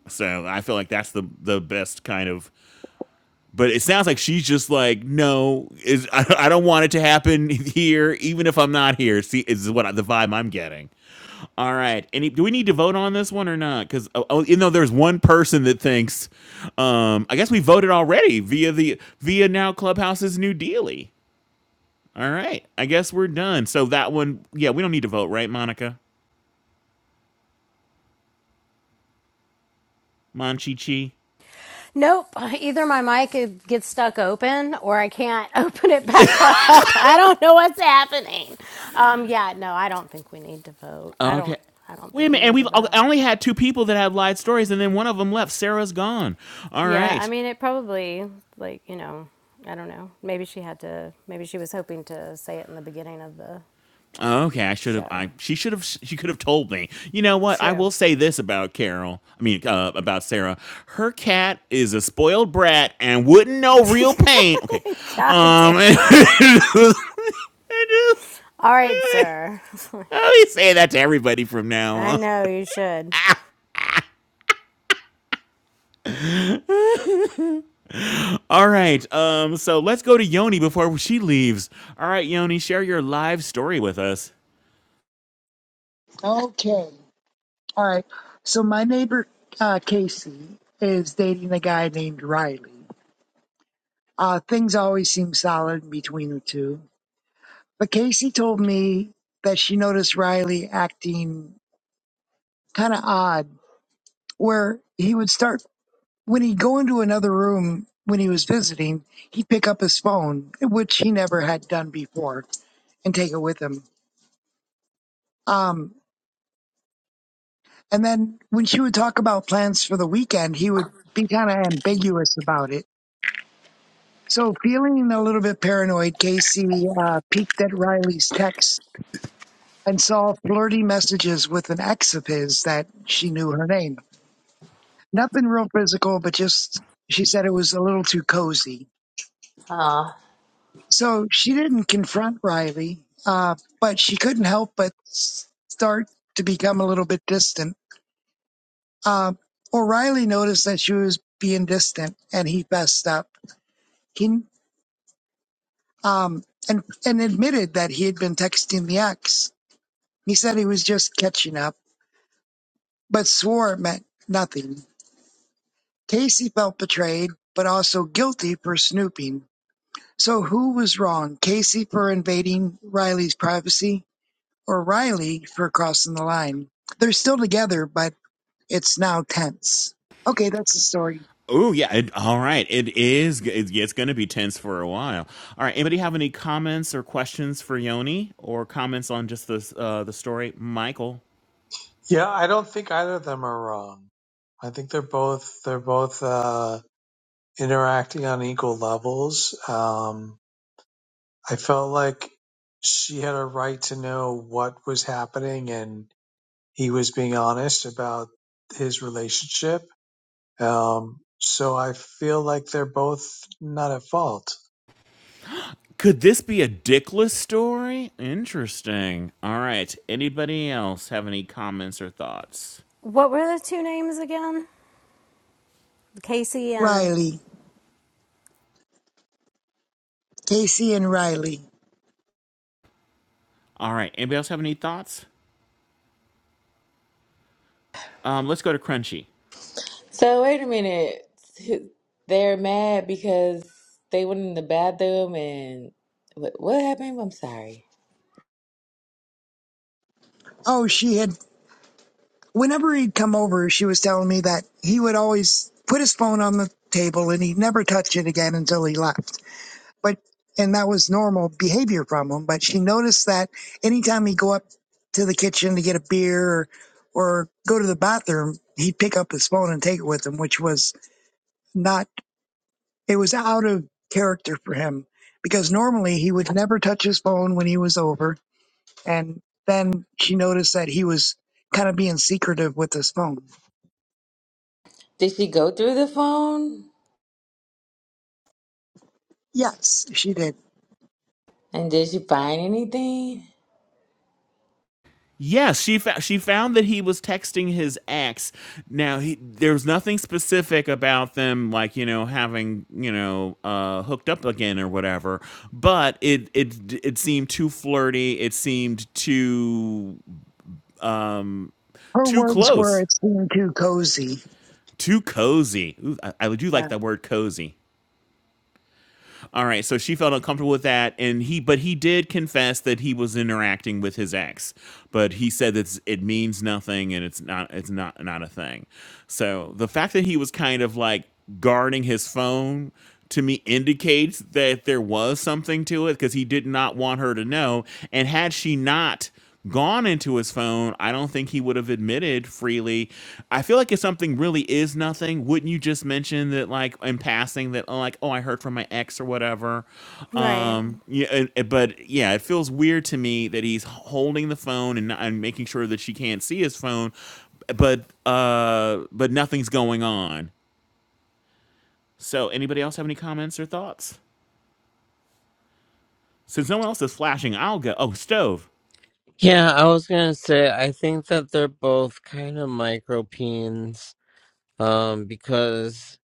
so I feel like that's the the best kind of but it sounds like she's just like, no, is I, I don't want it to happen here, even if I'm not here. See, is what I, the vibe I'm getting. All right, any do we need to vote on this one or not? Because oh, oh, you know, there's one person that thinks. Um, I guess we voted already via the via now Clubhouse's new dealie. All right, I guess we're done. So that one, yeah, we don't need to vote, right, Monica? Monchi Nope. Either my mic gets stuck open or I can't open it back up. I don't know what's happening. Um, yeah, no, I don't think we need to vote. I Okay. don't. I don't Wait a think we minute, and need to we've I vote. only had two people that have lied stories, and then one of them left. Sarah's gone. All Yeah, I right. mean, it probably like you know, I don't know. Maybe she had to. Maybe she was hoping to say it in the beginning of the Okay, I should have. show. I she should have. She could have told me. You know what? I True. will say this about Carol. I mean, uh, about Sarah. Her cat is a spoiled brat and wouldn't know real pain. Okay. God Um. I damn. just, All right, I sir. always say that to everybody from now I on. know you should. All right. Um. So let's go to Yoni before she leaves. All right, Yoni, share your live story with us. Okay. All right. So my neighbor uh, Casey is dating a guy named Riley. Uh, things always seem solid between the two. But Casey told me that she noticed Riley acting kind of odd, where he would start when he'd go into another room when he was visiting, he'd pick up his phone, which he never had done before, and take it with him. Um, and then when she would talk about plans for the weekend, he would be kind of ambiguous about it So, feeling a little bit paranoid, Casey uh, peeked at Riley's text and saw flirty messages with an ex of his that she knew her name. Nothing real physical, but just she said it was a little too cozy. Uh, So, she didn't confront Riley, uh, but she couldn't help but s- start to become a little bit distant. Uh, or Riley noticed that she was being distant and he fessed up. He, um, and, and admitted that he had been texting the ex He said he was just catching up, but swore it meant nothing. Casey felt betrayed, but also guilty for snooping. So who was wrong, Casey for invading Riley's privacy or Riley for crossing the line? They're still together, but it's now tense. Okay, that's the story. Oh yeah. It, all right. It is. It's, it's going to be tense for a while. All right. Anybody have any comments or questions for Yoni, or comments on just the uh, the story, Michael? Yeah, I don't think either of them are wrong. I think they're both they're both uh, interacting on equal levels. Um, I felt like she had a right to know what was happening, and he was being honest about his relationship Um, so I feel like they're both not at fault. Could this be a dickless story? Interesting. All right. Anybody else have any comments or thoughts? What were the two names again? Casey and. Riley, Casey and Riley. All right. Anybody else have any thoughts? Um, let's go to Crunchy. so wait a minute. They're mad because they went in the bathroom and what, what happened? I'm sorry. Oh, she had, whenever he'd come over, she was telling me that he would always put his phone on the table and he'd never touch it again until he left but and that was normal behavior from him. But she noticed that anytime he'd go up to the kitchen to get a beer or, or go to the bathroom, he'd pick up his phone and take it with him, which was not it was out of character for him because normally he would never touch his phone when he was over. And then she noticed that he was kind of being secretive with his phone. Did she go through the phone Yes, she did. and did she find anything? Yes, she found she found that he was texting his ex. Now he there's nothing specific about them like, you know, having, you know, uh hooked up again or whatever, but it it it seemed too flirty, it seemed too mm, Her too words were, close, "It's being too cozy." too cozy. Ooh, I, I do Yeah. like that word cozy. All right, so she felt uncomfortable with that, and he, but he did confess that he was interacting with his ex, but he said that it means nothing and it's not, it's not, not a thing. So the fact that he was kind of like guarding his phone to me indicates that there was something to it because he did not want her to know, and had she not gone into his phone, I don't think he would have admitted freely. I feel like if something really is nothing, wouldn't you just mention that, like in passing, that oh, like oh, I heard from my ex or whatever? Right. Um, yeah, it- it- but yeah, it feels weird to me that he's holding the phone and, and making sure that she can't see his phone, but uh, but nothing's going on. So, anybody else have any comments or thoughts? Since no one else is flashing, I'll go. Oh, stove. Yeah, I was gonna say I think that they're both kind of micro peens, um, because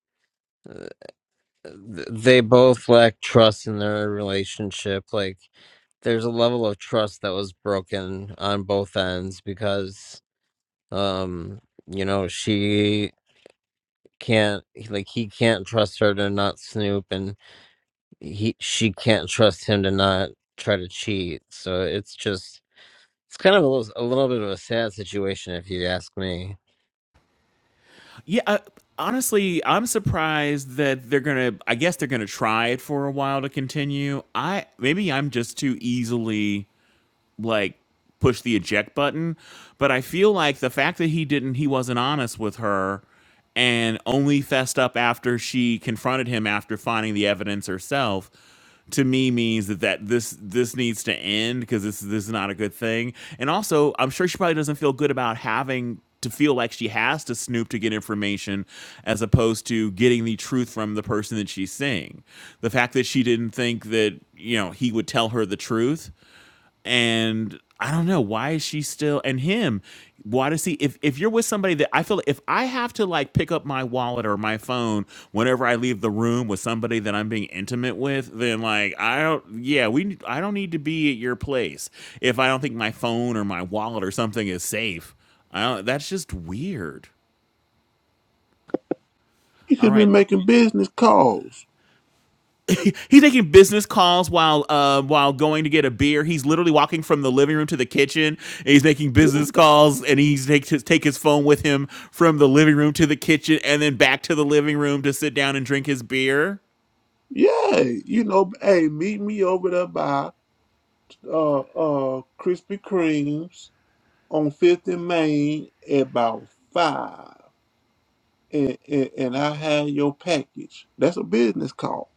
th- they both lack trust in their relationship. Like there's a level of trust that was broken on both ends because um you know she can't like he can't trust her to not snoop and he she can't trust him to not try to cheat so it's just it's kind of a little, a little bit of a sad situation if you ask me Yeah, uh, honestly, I'm surprised that they're gonna. I guess they're gonna try it for a while to continue. I maybe I'm just too easily like push the eject button. But I feel like the fact that he didn't, he wasn't honest with her and only fessed up after she confronted him after finding the evidence herself to me means that, that this this needs to end because this this is not a good thing. And also, I'm sure she probably doesn't feel good about having to feel like she has to snoop to get information as opposed to getting the truth from the person that she's seeing. The fact that she didn't think that, you know, he would tell her the truth and I don't know why is she still and him. Why does he? If if you're with somebody that I feel if I have to like pick up my wallet or my phone whenever I leave the room with somebody that I'm being intimate with, then like I don't. Yeah, we. I don't need to be at your place if I don't think my phone or my wallet or something is safe. I don't, that's just weird. You All could be right, making business calls. he's making business calls while uh, while going to get a beer. He's literally walking from the living room to the kitchen. And he's making Yeah, business calls, and he's take his take his phone with him from the living room to the kitchen, and then back to the living room to sit down and drink his beer. yeah. You know, hey, meet me over there by uh uh Krispy Kreme's on Fifth and Main at about five, and, and and I have your package. That's a business call.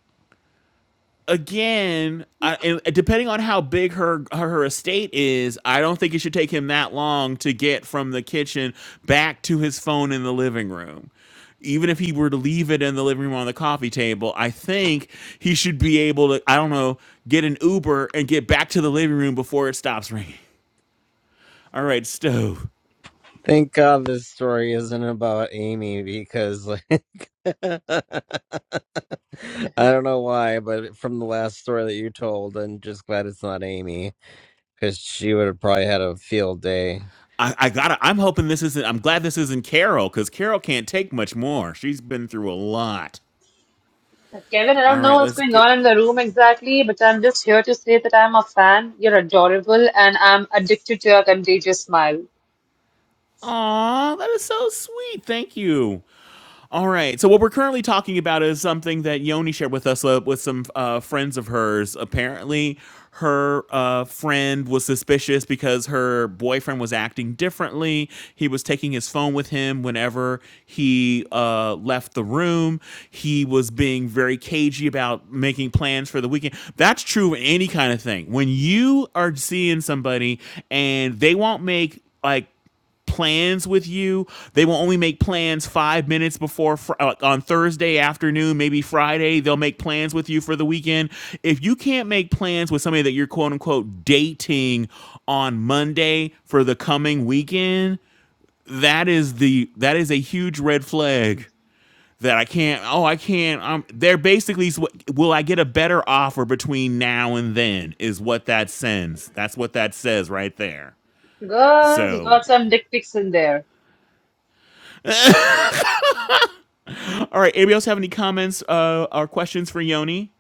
again, I, and depending on how big her, her her estate is, I don't think it should take him that long to get from the kitchen back to his phone in the living room. Even if he were to leave it in the living room on the coffee table, I think he should be able to, I don't know, get an Uber and get back to the living room before it stops ringing. All right, stove. thank god this story isn't about amy because like i don't know why but from the last story that you told i'm just glad it's not amy because she would have probably had a field day. I, I gotta. I'm hoping this isn't. I'm glad this isn't Carol because Carol can't take much more. She's been through a lot. Kevin, I All don't know right, what's let's going on get. in the room exactly, but I'm just here to say that I'm a fan. You're adorable, and I'm addicted to your contagious smile. Aw, that is so sweet. Thank you. All right. So what we're currently talking about is something that Yoni shared with us uh, with some uh, friends of hers. Apparently, her uh, friend was suspicious because her boyfriend was acting differently. He was taking his phone with him whenever he uh, left the room. He was being very cagey about making plans for the weekend. That's true of any kind of thing. When you are seeing somebody and they won't make like plans with you. They will only make plans five minutes before fr- uh, on Thursday afternoon, maybe Friday. They'll make plans with you for the weekend. If you can't make plans with somebody that you're quote unquote dating on Monday for the coming weekend, that is the that is a huge red flag that I can't. Oh, I can't. Um, they're basically will I get a better offer between now and then is what that sends. That's what that says right there. Girl, you So got some dick pics in there. All right. Anybody else have any comments uh, or questions for Yoni?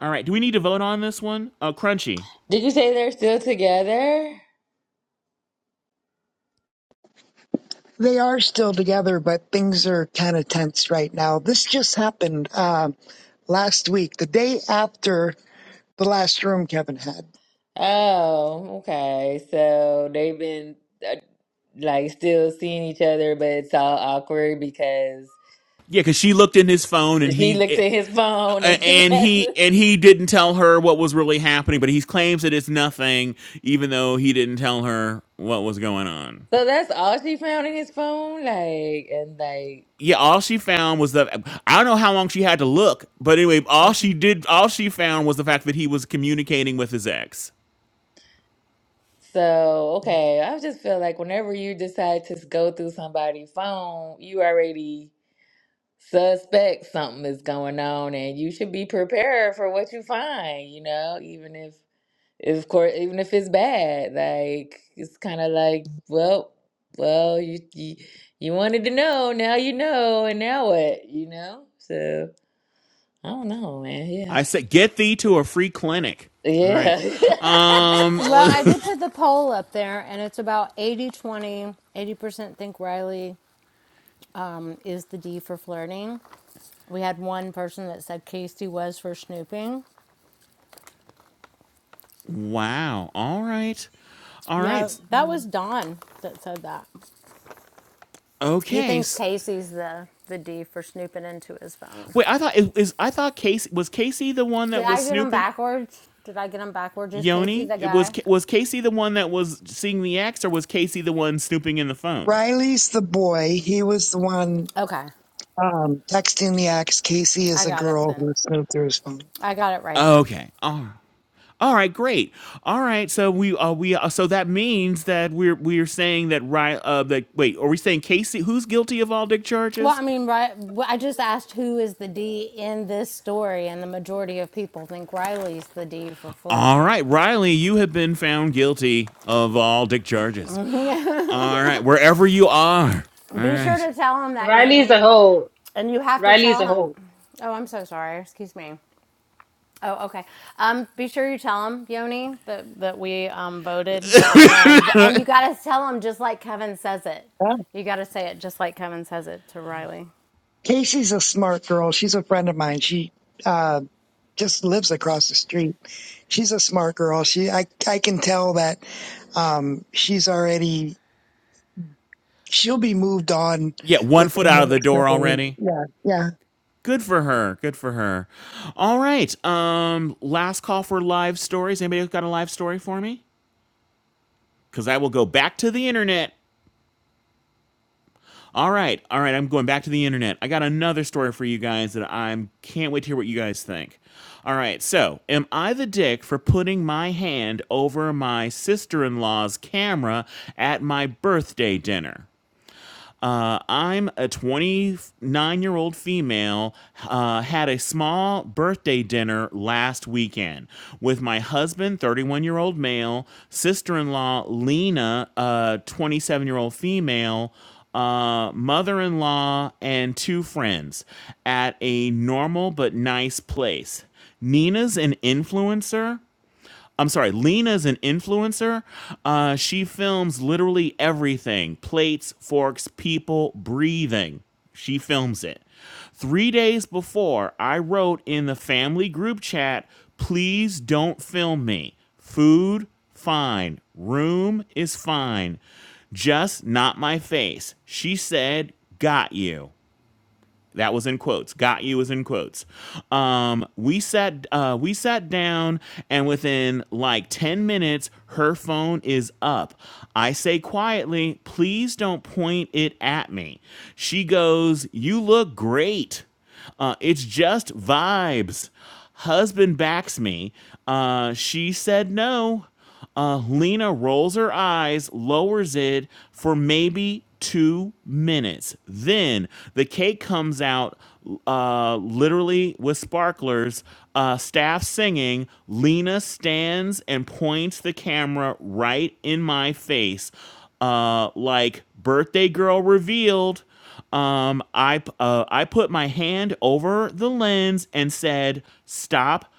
All right. Do we need to vote on this one? Uh, Crunchy. Did you say they're still together? They are still together, but things are kind of tense right now. This just happened um, last week, the day after the last room Kevin had. Oh, okay. So they've been uh, like still seeing each other, but it's all awkward because Yeah, because she looked in his phone and she looked he at his phone and eh, he and has. he and he didn't tell her what was really happening, but he claims that it's nothing, even though he didn't tell her what was going on. So that's all she found in his phone, like and like. Yeah, all she found was the I don't know how long she had to look, but anyway, all she did, all she found was the fact that he was communicating with his ex. So, okay, I just feel like whenever you decide to go through somebody's phone, you already suspect something is going on and you should be prepared for what you find, you know, even if if of course even if it's bad, like it's kind of like, well, well, you, you you wanted to know, now you know, and now what, you know? So, I don't know, man. Yeah. I said, get thee to a free clinic. All right. Yeah. Well, I Um, did put the poll up there, and it's about 80 80% think Riley um, is the D for flirting. We had one person that said Casey was for snooping. Wow. All right. All Yeah, right. that was Don that said that. He Okay. thinks S- Casey's the, the D for snooping into his phone. Wait, I thought it is, I thought Casey was Casey the one Did that was I get him snooping backwards? Did I get him backwards? Is Casey Yoni? the It was guy? Ca- was Casey the one that was seeing the X or was Casey the one snooping in the phone? Riley's the boy. He was the one Okay, um, texting the ex. Casey I is a got it girl then. who snooped through his phone. I got it right then. Okay. All right. All right, great. All right, so we uh, we uh, so that means that we're we're saying that right uh that wait, are we saying Casey who's guilty of all dick Well, I charges? mean, right. well, I just asked who is the D in this story, and the majority of people think Riley's the D for All flirting. right, Riley, you have been found guilty of all dick charges. All right, wherever you are. All Be sure right. to tell him that, Riley's a Yoni, hoe. and you have to Riley's a tell him. hoe. Oh, I'm so sorry. Excuse me. Oh, okay. Um, be sure you tell him, Yoni, that that we um voted, and and you got to tell him just like Kevin says it. Yeah. You got to say it just like Kevin says it to Riley. Casey's a smart girl. She's a friend of mine. She uh, just lives across the street. She's a smart girl. She, I, I can tell that um, she's already she'll be moved on Yeah, one foot within the out of the next door couple weeks. already. Yeah, yeah, Good for her. Good for her. All right. Um, last call for live stories. Anybody got a live story for me? Because I will go back to the internet. All right, all right. I'm going back to the internet. I got another story for you guys that I can't wait to hear what you guys think. All right, so am I the dick for putting my hand over my sister in law's camera at my birthday dinner? Uh, I'm a 29 year old female, uh, had a small birthday dinner last weekend with my husband, 31 year old male, sister in law, Lena, uh, 27 year old female, uh, mother in law, and two friends at a normal but nice place. Nina's an influencer I'm sorry, Lena's an influencer. Uh, she films literally everything plates, forks, people, breathing. She films it. Three days before, I wrote in the family group chat, please don't film me. Food, fine. Room is fine. Just not my face. She said, got you. That was in quotes. Got you was in quotes. Um, we sat uh, we sat down, and within like ten minutes, her phone is up. I say quietly, "Please don't point it at me." She goes, "You look great." Uh, it's just vibes. Husband backs me. Uh, she said no. Uh, Lena rolls her eyes, lowers it for maybe two minutes. Then the cake comes out, uh, literally with sparklers. Uh, staff singing. Lena stands and points the camera right in my face, uh, like birthday girl revealed. Um, I uh, I put my hand over the lens and said, "Stop."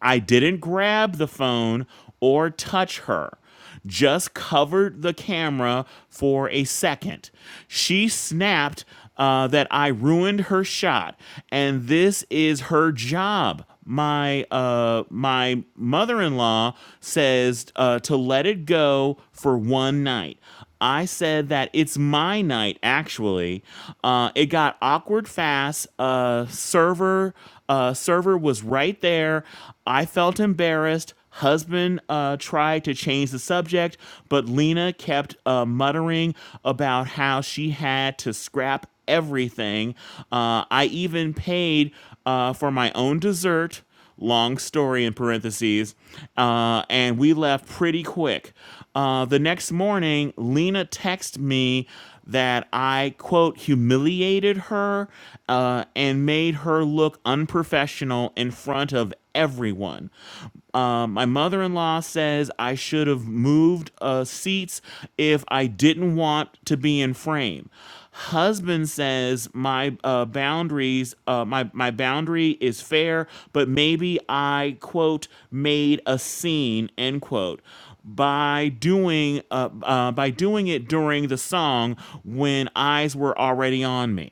I didn't grab the phone or touch her. Just covered the camera for a second. She snapped uh, that I ruined her shot, and this is her job. My uh, my mother-in-law says uh, to let it go for one night. I said that it's my night, actually. Uh, it got awkward fast. Uh, server uh, server was right there. I felt embarrassed. Husband uh, tried to change the subject, but Lena kept uh, muttering about how she had to scrap everything. Uh, I even paid uh, for my own dessert long story in parentheses, uh, and we left pretty quick. Uh, the next morning, Lena texted me that I, quote, humiliated her uh, and made her look unprofessional in front of everyone. Um, my mother in law says I should have moved uh, seats if I didn't want to be in frame. Husband says my uh, boundaries, uh, my my boundary is fair, but maybe I quote made a scene end quote by doing uh, uh, by doing it during the song when eyes were already on me.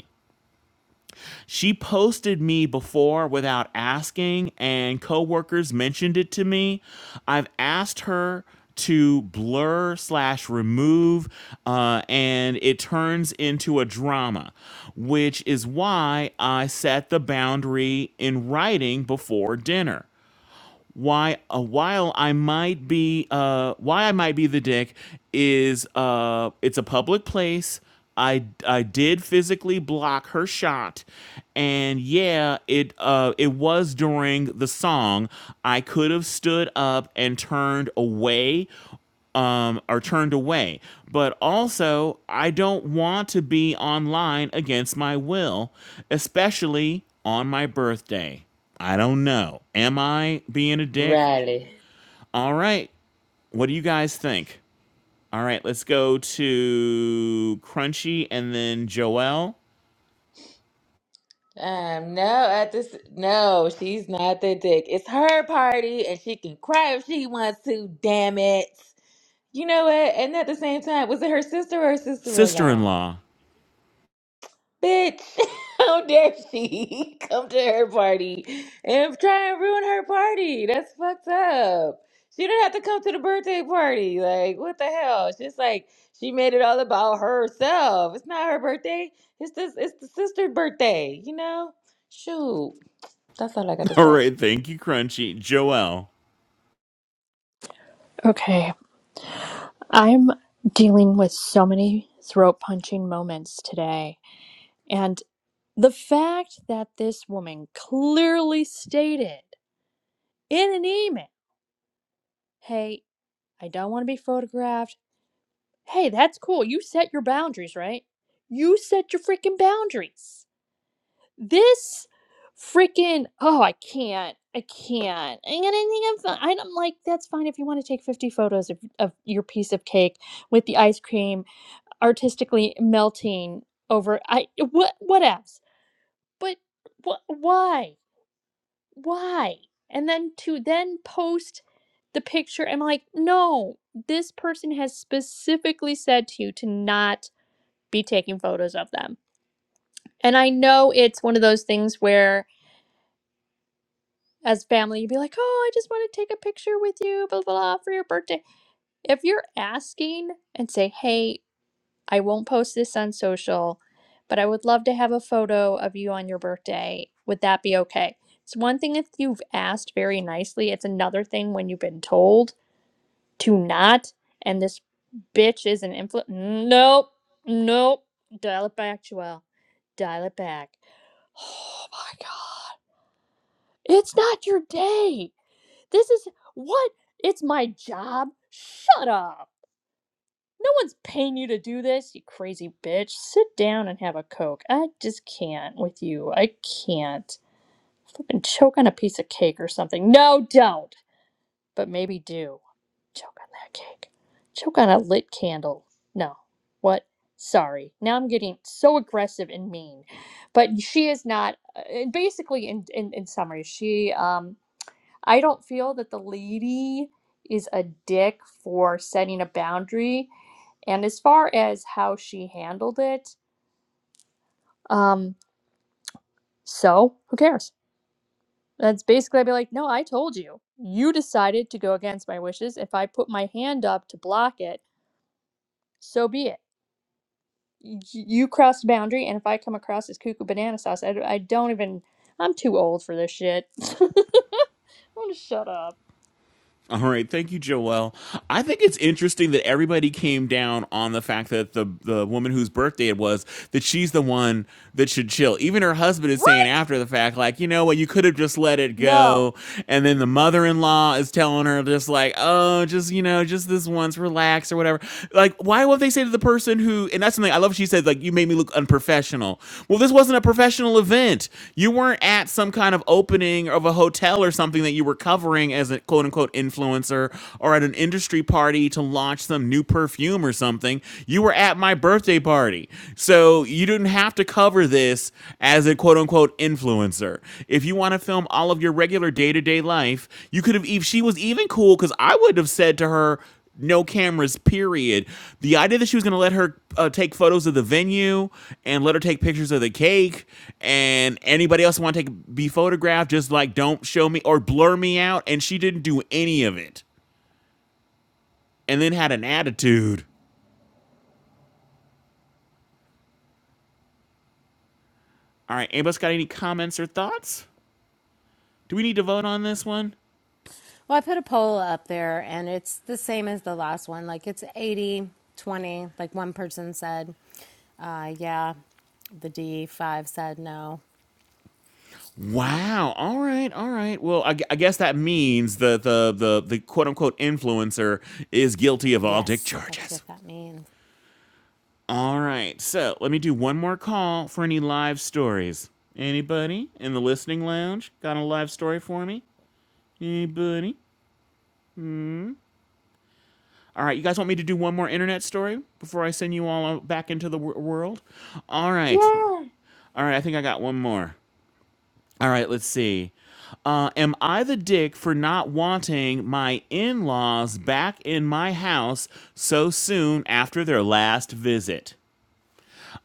She posted me before without asking, and coworkers mentioned it to me. I've asked her to blur slash remove, uh, and it turns into a drama, which is why I set the boundary in writing before dinner why uh, while I might be uh, why I might be the dick is uh, it's a public place. I, I did physically block her shot and yeah it uh it was during the song I could have stood up and turned away um, are turned away. But also, I don't want to be online against my will, especially on my birthday. I don't know. Am I being a dick? Riley. All right. What do you guys think? All right, let's go to Crunchy and then Joelle. Um, no, at this, no, she's not the dick. It's her party, and she can cry if she wants to. Damn it! You know what? And at the same time, was it her sister or her Sister in sister-in-law? law. Bitch, how dare she come to her party and try and ruin her party? That's fucked up. She didn't have to come to the birthday party. Like, what the hell? It's just like she made it all about herself. It's not her birthday. It's this. It's the sister's birthday. You know. Shoot. That's all I got to All say. right. Thank you, Crunchy. Joelle. Okay. I'm dealing with so many throat punching moments today. And the fact that this woman clearly stated in an email, hey, I don't want to be photographed. Hey, that's cool. You set your boundaries, right? You set your freaking boundaries. This freaking oh, I can't. I can't. I'm gonna think I'm fine. I'm like, that's fine if you want to take 50 photos of, of your piece of cake with the ice cream artistically melting over. I what what else? But what why? Why? And then to then post the picture, I'm like, no, this person has specifically said to you to not be taking photos of them. And I know it's one of those things where, as family, you'd be like, oh, I just want to take a picture with you, blah, blah, blah, for your birthday. If you're asking and say, hey, I won't post this on social, but I would love to have a photo of you on your birthday, would that be okay? It's one thing if you've asked very nicely, it's another thing when you've been told to not. And this bitch is an influ. Nope, nope. Dial it back, Joelle. Dial it back Oh my god. It's not your day. This is what? It's my job. Shut up. No one's paying you to do this, you crazy bitch. Sit down and have a Coke. I just can't with you. I can't. Fucking choke on a piece of cake or something. No, don't. But maybe do. Choke on that cake. Choke on a lit candle. No. What? Sorry. Now I'm getting so aggressive and mean. But she is not uh, basically in, in in summary, she um I don't feel that the lady is a dick for setting a boundary. And as far as how she handled it, um, so who cares? That's basically I'd be like, no, I told you. You decided to go against my wishes. If I put my hand up to block it, so be it. Y- You crossed a boundary, and if I come across as cuckoo banana sauce, I d- I don't even. I'm too old for this shit. I'm gonna shut up. All right, thank you, Joelle. I think it's interesting that everybody came down on the fact that the the woman whose birthday it was that she's the one that should chill. Even her husband is Right? saying after the fact, like, you know what, you could have just let it No. go. And then the mother in law is telling her just like, oh, just you know, just this once, relax or whatever. Like, why won't they say to the person who who, and that's something I love. She said, like, you made me look unprofessional. Well, this wasn't a professional event. You weren't at some kind of opening of a hotel or something that you were covering as a quote unquote influencer or at an industry party to launch some new perfume or something. You were at my birthday party. So you didn't have to cover this as a quote unquote influencer. If you want to film all of your regular day to day life, you could have, if she was even cool, because I would have said to her, no cameras period the idea that she was going to let her uh, take photos of the venue and let her take pictures of the cake and anybody else want to take be photographed just like don't show me or blur me out and she didn't do any of it and then had an attitude all right anybody else got any comments or thoughts do we need to vote on this one Well, I put a poll up there and it's the same as the last one. Like it's 80 20. like one person said. Uh, yeah, the D 5 said no. wow all right all right well i, gu- I guess that means the, the the the quote-unquote influencer is guilty of all dick Yes, that's charges what that means. All right. So let me do one more call for any live stories. Anybody in the listening lounge got a live story for me? Anybody? All right. You guys want me to do one more internet story before I send you all back into the w- world? All right. Yeah. All right. I think I got one more. All right. Let's see. Uh, am I the dick for not wanting my in laws back in my house so soon after their last visit?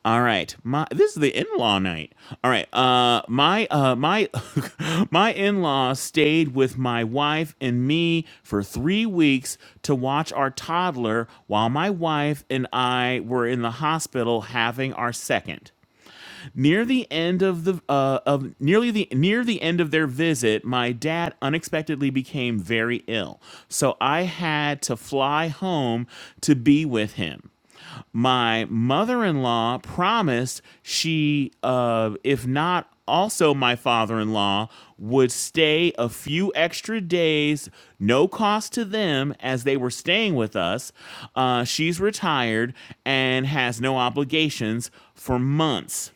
All right. My this is the in-law night. All right. Uh my uh my my in-law stayed with my wife and me for 3 weeks to watch our toddler while my wife and I were in the hospital having our second. Near the end of the uh, of nearly the near the end of their visit, my dad unexpectedly became very ill, so I had to fly home to be with him. My mother-in-law promised she, uh, if not also my father-in-law, would stay a few extra days, no cost to them, as they were staying with us. Uh, she's retired and has no obligations for months.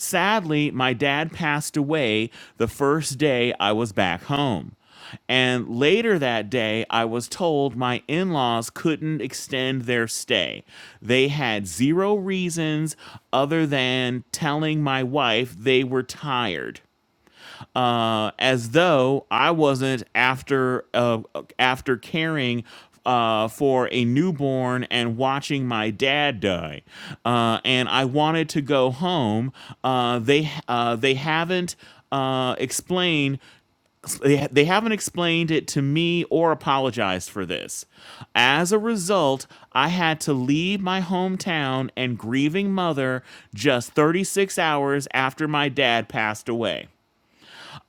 Sadly, my dad passed away the first day I was back home. And later that day, I was told my in laws couldn't extend their stay. They had zero reasons other than telling my wife they were tired uh, as though I wasn't after uh, after caring uh, for a newborn and watching my dad die, uh, and I wanted to go home. Uh, they uh, they haven't uh, explained they, they haven't explained it to me or apologized for this. As a result, I had to leave my hometown and grieving mother just 36 hours after my dad passed away.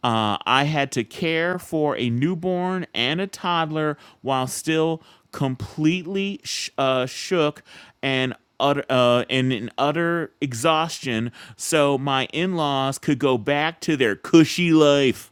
Uh, I had to care for a newborn and a toddler while still completely sh- uh, shook and utter, uh, and in utter exhaustion, so my in-laws could go back to their cushy life.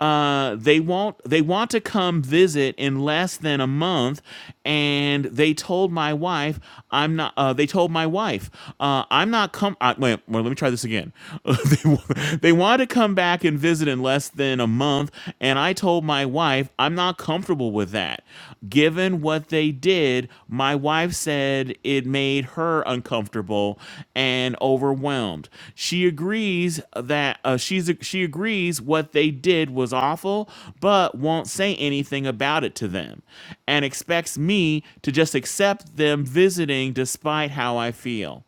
Uh, they want They want to come visit in less than a month, and they told my wife, "I'm not." Uh, they told my wife, uh, "I'm not come." Uh, wait, well, let me try this again. they, wa- they want to come back and visit in less than a month, and I told my wife, "I'm not comfortable with that." Given what they did, my wife said it made her uncomfortable and overwhelmed. She she agrees that uh, she's she agrees what they did was awful, but won't say anything about it to them, and expects me to just accept them visiting despite how I feel.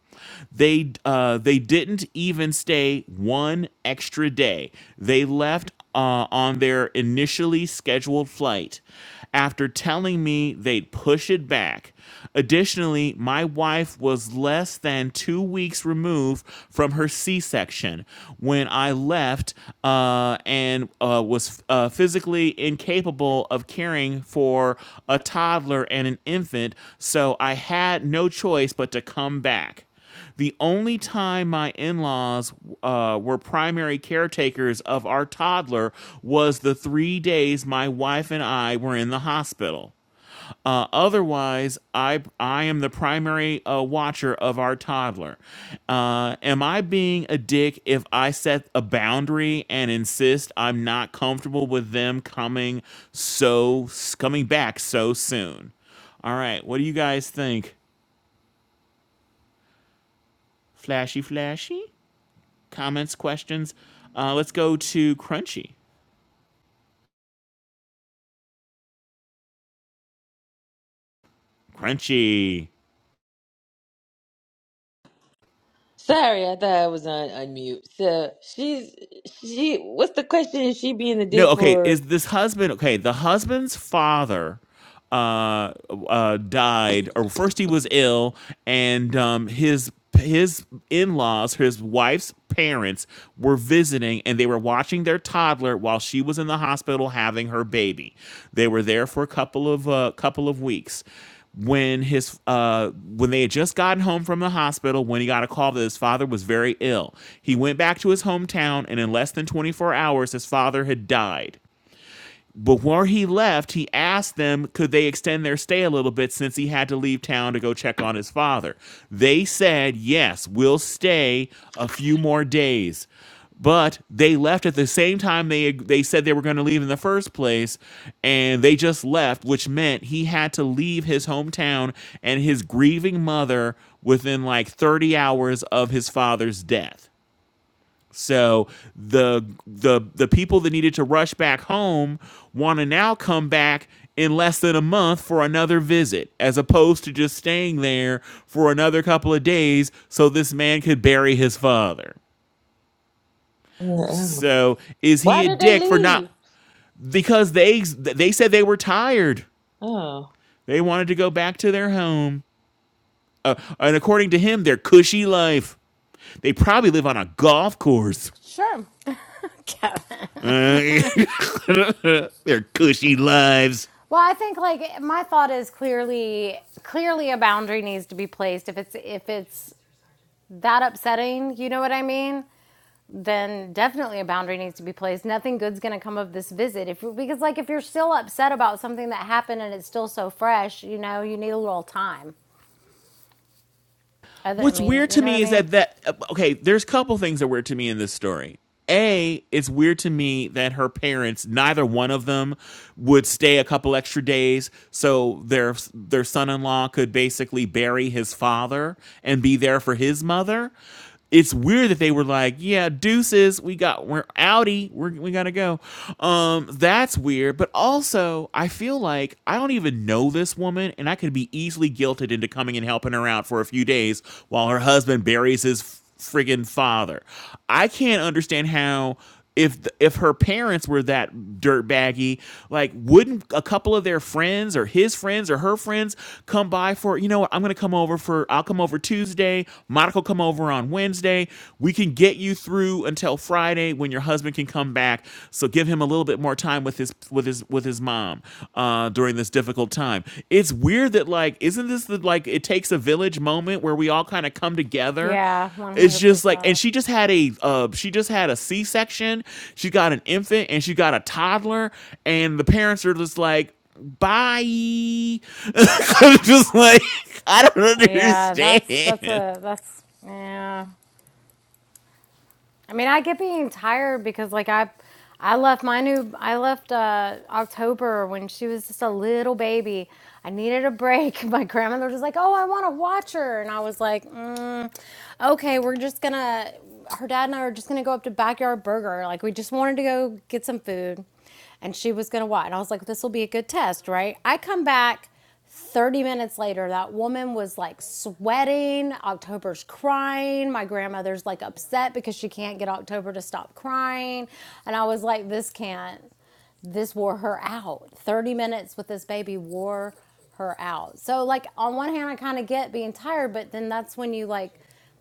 They uh, they didn't even stay one extra day. They left uh, on their initially scheduled flight after telling me they'd push it back. Additionally, my wife wife was less than two weeks removed from her C section when I left uh, and uh, was uh, physically incapable of caring for a toddler and an infant, so I had no choice but to come back. The only time my in laws uh, were primary caretakers of our toddler was the three days my wife and I were in the hospital. Uh, otherwise, I I am the primary uh, watcher of our toddler. Uh, am I being a dick if I set a boundary and insist I'm not comfortable with them coming so coming back so soon? All right, what do you guys think? Flashy, flashy comments, questions. Uh, let's go to Crunchy. Crunchy. Sorry, I thought I was on, on mute. So she's she. What's the question? Is she being a No, dick okay. Is for? this husband okay? The husband's father uh, uh, died, or first he was ill, and um, his his in laws, his wife's parents, were visiting, and they were watching their toddler while she was in the hospital having her baby. They were there for a couple of uh, couple of weeks when his uh when they had just gotten home from the hospital when he got a call that his father was very ill. He went back to his hometown and in less than 24 hours his father had died. Before he left, he asked them could they extend their stay a little bit since he had to leave town to go check on his father. They said, yes, we'll stay a few more days. But they left at the same time they they said they were going to leave in the first place, and they just left, which meant he had to leave his hometown and his grieving mother within like 30 hours of his father's death. So the the the people that needed to rush back home want to now come back in less than a month for another visit as opposed to just staying there for another couple of days so this man could bury his father. Yeah. So is Why he a did they dick for leave? not because they they said they were tired. Oh. They wanted to go back to their home. Uh, and according to him, their cushy life. They probably live on a golf course. Sure. Kevin. Uh, Their cushy lives. Well, I think like my thought is clearly clearly a boundary needs to be placed. If it's if it's that upsetting, you know what I mean? Then definitely a boundary needs to be placed. Nothing good's going to come of this visit. If because like if you're still upset about something that happened and it's still so fresh, you know, you need a little time. Other, I What's mean, weird you to know what I me is mean? that that okay, there's a couple things that are weird to me in this story. A, it's weird to me that her parents, neither one of them, would stay a couple extra days so their their son-in-law could basically bury his father and be there for his mother. it's weird that they were like, yeah, deuces, we got we're outie, we're, we gotta go. Um, that's weird. But also, I feel like I don't even know this woman, and I could be easily guilted into coming and helping her out for a few days while her husband buries his friggin' father. I can't understand how if th- if her parents were that dirtbaggy, like wouldn't a couple of their friends or his friends or her friends come by for you know what I'm gonna come over for I'll come over Tuesday, Monica will come over on Wednesday. We can get you through until Friday when your husband can come back. So give him a little bit more time with his with his with his mom uh, during this difficult time. It's weird that like isn't this the like it takes a village moment where we all kind of come together Yeah. One it's hundred just like, percent. and she just had a, uh, she just had a C section. She got an infant and she got a toddler, and the parents are just like, bye. I'm just like, I don't Yeah, that's that's understand. a that's yeah. I mean, I get being tired because like I I left my new I left uh October when she was just a little baby. I needed a break. My grandmother was just like, "Oh, I want to watch her." And I was like, mm, okay, we're just gonna, her dad and I were just gonna go up to Backyard Burger. Like, we just wanted to go get some food. And she was gonna what? And I was like, this will be a good test, right? I come back 30 minutes later. That woman was like sweating. October's crying. My grandmother's like upset because she can't get October to stop crying. And I was like, this can't this wore her out. 30 minutes with this baby wore her out. So, like, on one hand, I kind of get being tired, but then that's when you like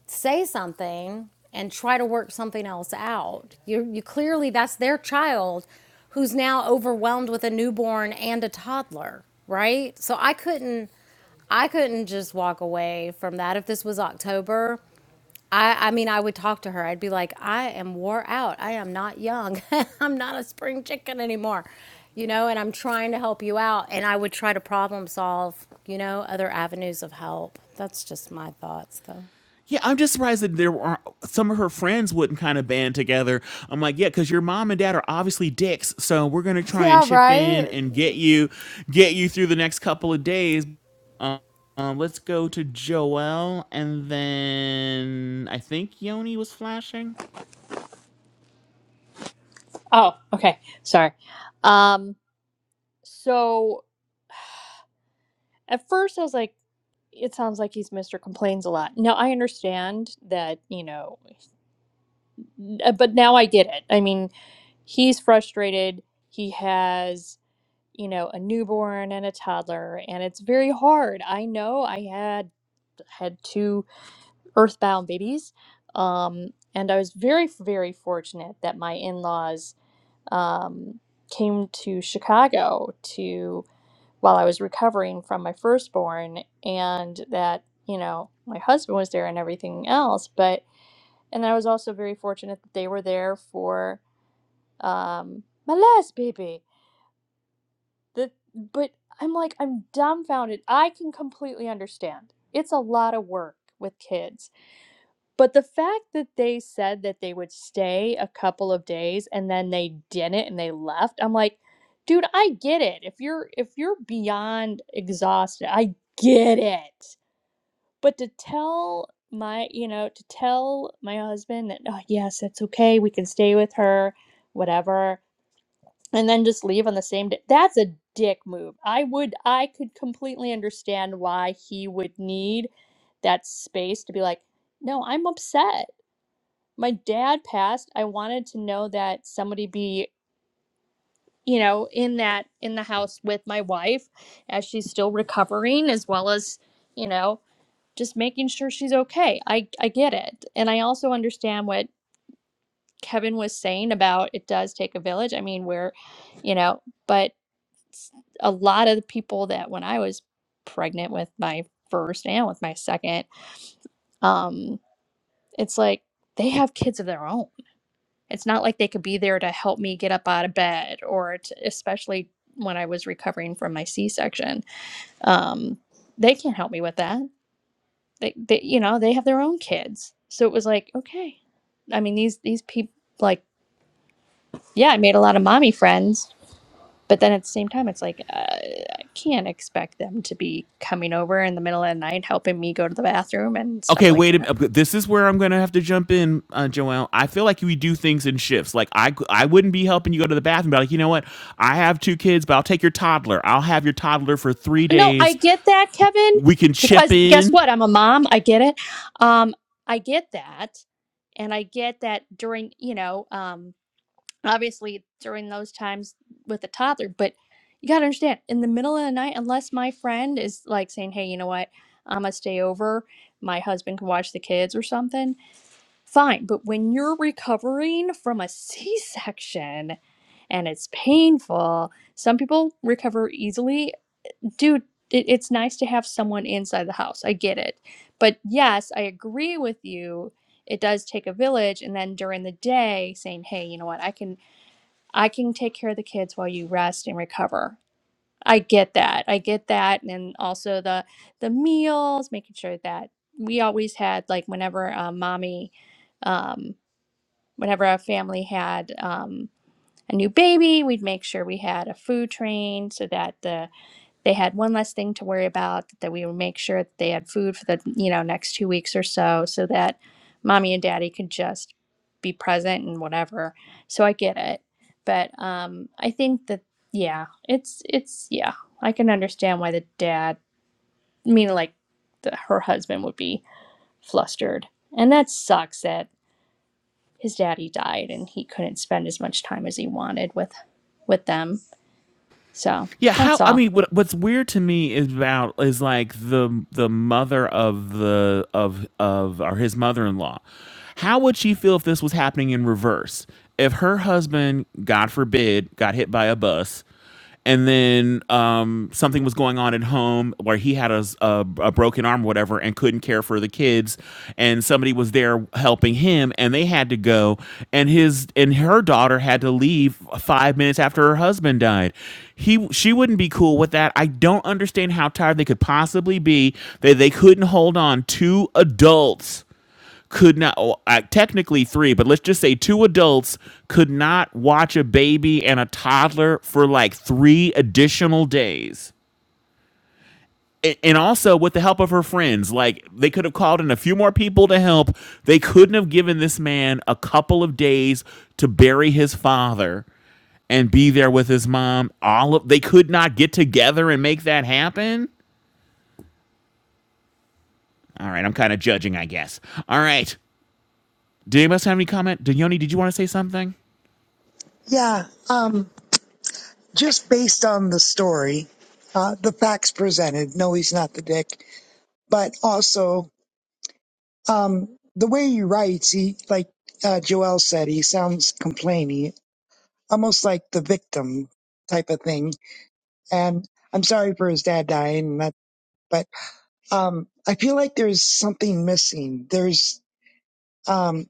say something and try to work something else out. You, you clearly, that's their child who's now overwhelmed with a newborn and a toddler, right? So, I couldn't. I couldn't just walk away from that if this was October. I, I mean, I would talk to her. I'd be like, I am wore out. I am not young. I'm not a spring chicken anymore, you know, and I'm trying to help you out. And I would try to problem solve, you know, other avenues of help. That's just my thoughts, though. Yeah, I'm just surprised that there were some of her friends wouldn't kind of band together. I'm like, yeah, because your mom and dad are obviously dicks, so we're gonna try and Yeah, chip in right. and get you, get you through the next couple of days. Um, um, let's go to Joel, and then I think Yoni was flashing. Oh, okay. Sorry. Um. So at first I was like, it sounds like he's Mr. Complains a lot. Now I understand that, you know, uh, but now I get it. I mean, he's frustrated. He has, you know, a newborn and a toddler, and it's very hard. I know I had had two earthbound babies. Um, and I was very, very fortunate that my in laws um, came to Chicago to while I was recovering from my firstborn, and that, you know, my husband was there and everything else. But, and I was also very fortunate that they were there for um, my last baby. The, but I'm like, I'm dumbfounded. I can completely understand. It's a lot of work with kids but the fact that they said that they would stay a couple of days and then they didn't and they left, I'm like, dude, I get it. If you're if you're beyond exhausted, I get it. But to tell my, you know, to tell my husband that, oh yes, it's okay, we can stay with her, whatever, and then just leave on the same day. That's a dick move. I would I could completely understand why he would need that space to be like, no, I'm upset my dad passed i wanted to know that somebody be you know in that in the house with my wife as she's still recovering as well as you know just making sure she's okay i i get it and i also understand what kevin was saying about it does take a village i mean we're you know but s- a lot of the people that when i was pregnant with my first and with my second um it's like they have kids of their own It's not like they could be there to help me get up out of bed or to, especially when I was recovering from my C-section. Um, they can't help me with that. They, they, you know, they have their own kids. So it was like, okay. I mean, these these people like, yeah, I made a lot of mommy friends, but then at the same time, it's like uh, I can't expect them to be coming over in the middle of the night helping me go to the bathroom and stuff Okay, like wait that. a minute. This is where I'm gonna have to jump in, uh, Joelle. I feel like we do things in shifts. Like I, I wouldn't be helping you go to the bathroom, but like, you know what? I have two kids, but I'll take your toddler. I'll have your toddler for three No, I days get that, Kevin, we can chip because guess in. what? I'm a mom. I get it. Um, I get that. And I get that during, you know, um, obviously during those times with a toddler, but you got to understand in the middle of the night, unless my friend is like saying, hey, you know what? I'm going to stay over. My husband can watch the kids or something. Fine. But when you're recovering from a C section and it's painful, some people recover easily dude, it, it's nice to have someone inside the house. I get it. But yes, I agree with you. It does take a village and then during the day saying, "Hey, you know what? I can I can take care of the kids while you rest and recover." I get that. I get that and then also the the meals, making sure that we always had like whenever uh, mommy um whenever our family had um a new baby, we'd make sure we had a food train so that the they had one less thing to worry about that we would make sure that they had food for the you know next two weeks or so so that mommy and daddy could just be present and whatever so i get it but um i think that yeah it's it's yeah i can understand why the dad I mean like the, her husband would be flustered and that sucks that his daddy died and he couldn't spend as much time as he wanted with with them so Yeah, how that's I all mean what what's weird to me is about is like the the mother of the of of or his mother-in-law. How would she feel if this was happening in reverse? If her husband, God forbid, got hit by a bus and then um, something was going on at home where he had a, a, a broken arm, or whatever, and couldn't care for the kids, and somebody was there helping him, and they had to go, and his and her daughter had to leave five minutes after her husband died. He she wouldn't be cool with that. I don't understand how tired they could possibly be that they couldn't hold on two adults could not oh, uh, technically three but let's just say two adults could not watch a baby and a toddler for like three additional days and also with the help of her friends like they could have called in a few more people to help they couldn't have given this man a couple of days to bury his father and be there with his mom all of they could not get together and make that happen all right i'm kind of judging i guess all right did anybody else have any comment Dione, did you want to say something yeah. Um, just based on the story, uh, the facts presented. No, he's not the dick, but also um, the way he writes. He like uh, Joel said, he sounds complaining, almost like the victim type of thing. And I'm sorry for his dad dying, and that, but um, I feel like there's something missing. There's um,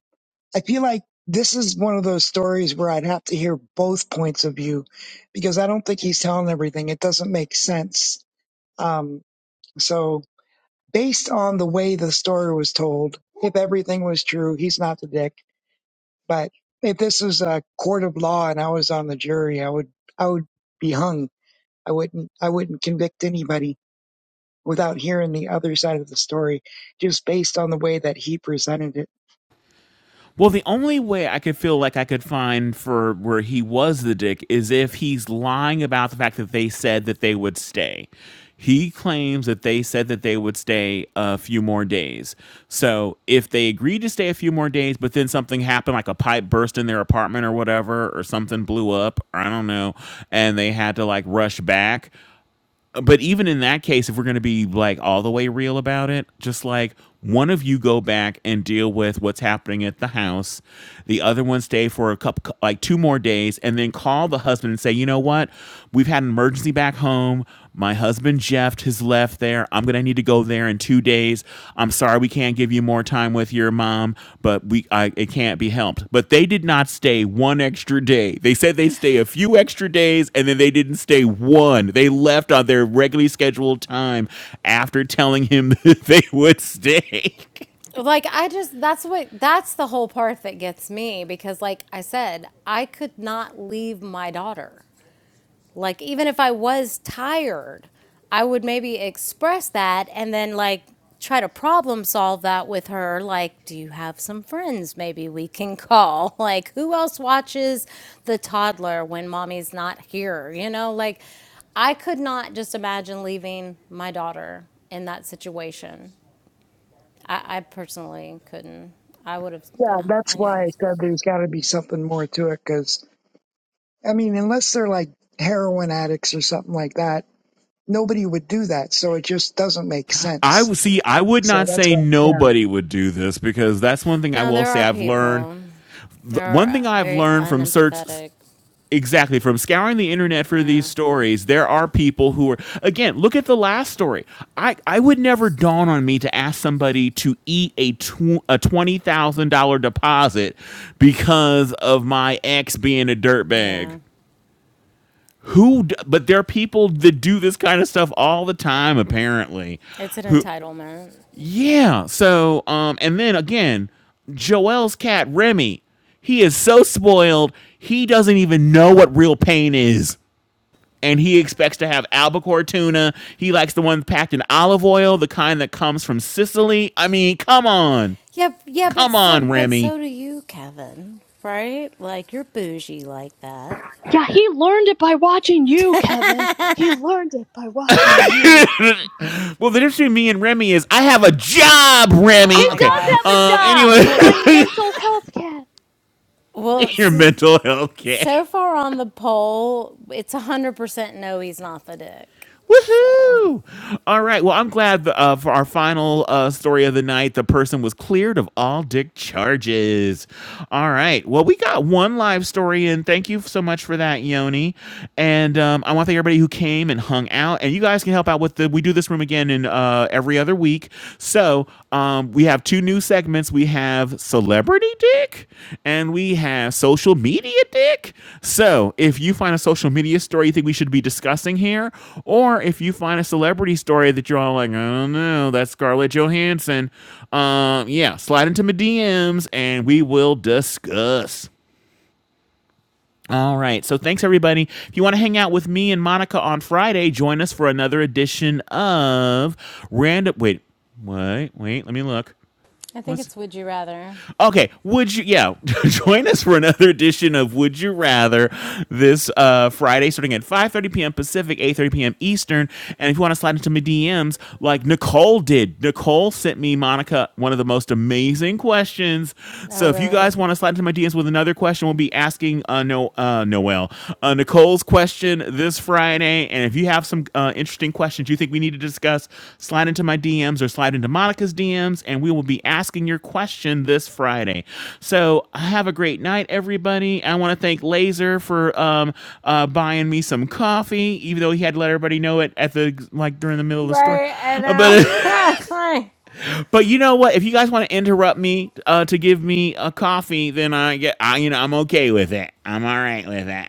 I feel like this is one of those stories where I'd have to hear both points of view because I don't think he's telling everything. It doesn't make sense. Um, so, based on the way the story was told, if everything was true, he's not the dick. But if this was a court of law and I was on the jury, I would I would be hung. I wouldn't I wouldn't convict anybody without hearing the other side of the story, just based on the way that he presented it. Well, the only way I could feel like I could find for where he was the dick is if he's lying about the fact that they said that they would stay. He claims that they said that they would stay a few more days. So if they agreed to stay a few more days, but then something happened, like a pipe burst in their apartment or whatever, or something blew up, or I don't know, and they had to like rush back, but even in that case, if we're going to be like all the way real about it, just like one of you go back and deal with what's happening at the house, the other one stay for a couple, like two more days, and then call the husband and say, you know what, we've had an emergency back home. My husband Jeff has left there. I'm going to need to go there in two days. I'm sorry we can't give you more time with your mom, but we I, it can't be helped. But they did not stay one extra day. They said they stay a few extra days, and then they didn't stay one. They left on their regularly scheduled time after telling him that they would stay. Like, I just, that's what, that's the whole part that gets me because, like I said, I could not leave my daughter. Like, even if I was tired, I would maybe express that and then, like, try to problem solve that with her. Like, do you have some friends maybe we can call? Like, who else watches the toddler when mommy's not here? You know, like, I could not just imagine leaving my daughter in that situation. I, I personally couldn't. I would have, Yeah, yeah, that's anyway. why I said there's got to be something more to it because I mean, unless they're like heroin addicts or something like that, nobody would do that. So it just doesn't make I sense. would see. I would So not that's say why, yeah. nobody would do this because that's one thing I Now, will there say. are I've learned people. one They're thing uh, I've very learned from search unempathetic. Exactly. From scouring the internet for these Now. stories, there are people who are again, look at the last story. I I would never dawn on me to ask somebody to eat a tw- a $20,000 deposit because of my ex being a dirtbag. Yeah. Who d- but there are people that do this kind of stuff all the time apparently. It's an Who entitlement. yeah, so um and then again, Joel's cat Remy, he is so spoiled, he doesn't even know what real pain is and he expects to have albacore tuna. He likes the ones packed in olive oil, the kind that comes from Sicily. I mean, come on. Yeah, yeah, but Come on, so but Remy. so do you, Kevin. Right? Like you're bougie like that. Yeah, he learned it by watching you, Kevin. He learned it by watching you. Well, the difference between me and Remy is I have a job, Oh He Remy. my Okay. God. does have a Um job. anyway, He's Well, my mental health cat. well, your so, mental health care. so far on the poll, it's 100% no, he's not the dick. So Woohoo! All right. Well, I'm glad uh, for our final uh, story of the night, the person was cleared of all dick charges. All right. Well, we got one live story in. Thank you so much for that, Yoni. And um, I want to thank everybody who came and hung out. And you guys can help out with the. We do this room again in uh, every other week. So. Um, um, we have two new segments. We have celebrity dick and we have social media dick. So if you find a social media story you think we should be discussing here, or if you find a celebrity story that you're all like, I don't know, that's Scarlett Johansson, um, yeah, slide into my DMs and we will discuss. All right. So thanks, everybody. If you want to hang out with me and Monica on Friday, join us for another edition of Random. Wait, wait, wait. Let me look. I think What's it's would you rather. Okay, would you? Yeah, join us for another edition of Would You Rather this uh, Friday, starting at 5:30 p.m. Pacific, 8:30 p.m. Eastern. And if you want to slide into my DMs, like Nicole did, Nicole sent me Monica one of the most amazing questions. Oh, So if you really? guys want to slide into my DMs with another question, we'll be asking uh, no uh, Noel uh, Nicole's question this Friday. And if you have some uh, interesting questions you think we need to discuss, slide into my DMs or slide into Monica's DMs, and we will be asking your question this Friday. So have a great night, everybody. I want to thank Laser for um, uh, buying me some coffee, even though he had to let everybody know it at the like during the middle of the story. Right. I Uh, know. But That's right. but you know what? If you guys want to interrupt me uh, to give me a coffee, then I get I, you know I'm okay with it. I'm all right with that.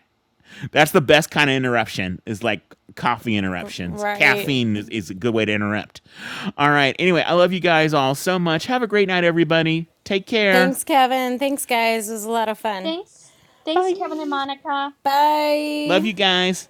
That's the best kind of interruption is like coffee interruptions. Right. Caffeine is, is a good way to interrupt. All right. Anyway, I love you guys all so much. Have a great night, everybody. Take care. Thanks, Kevin. Thanks, guys. It was a lot of fun. Thanks. Thanks, Kevin and Bye. Monica. Love Bye. you guys.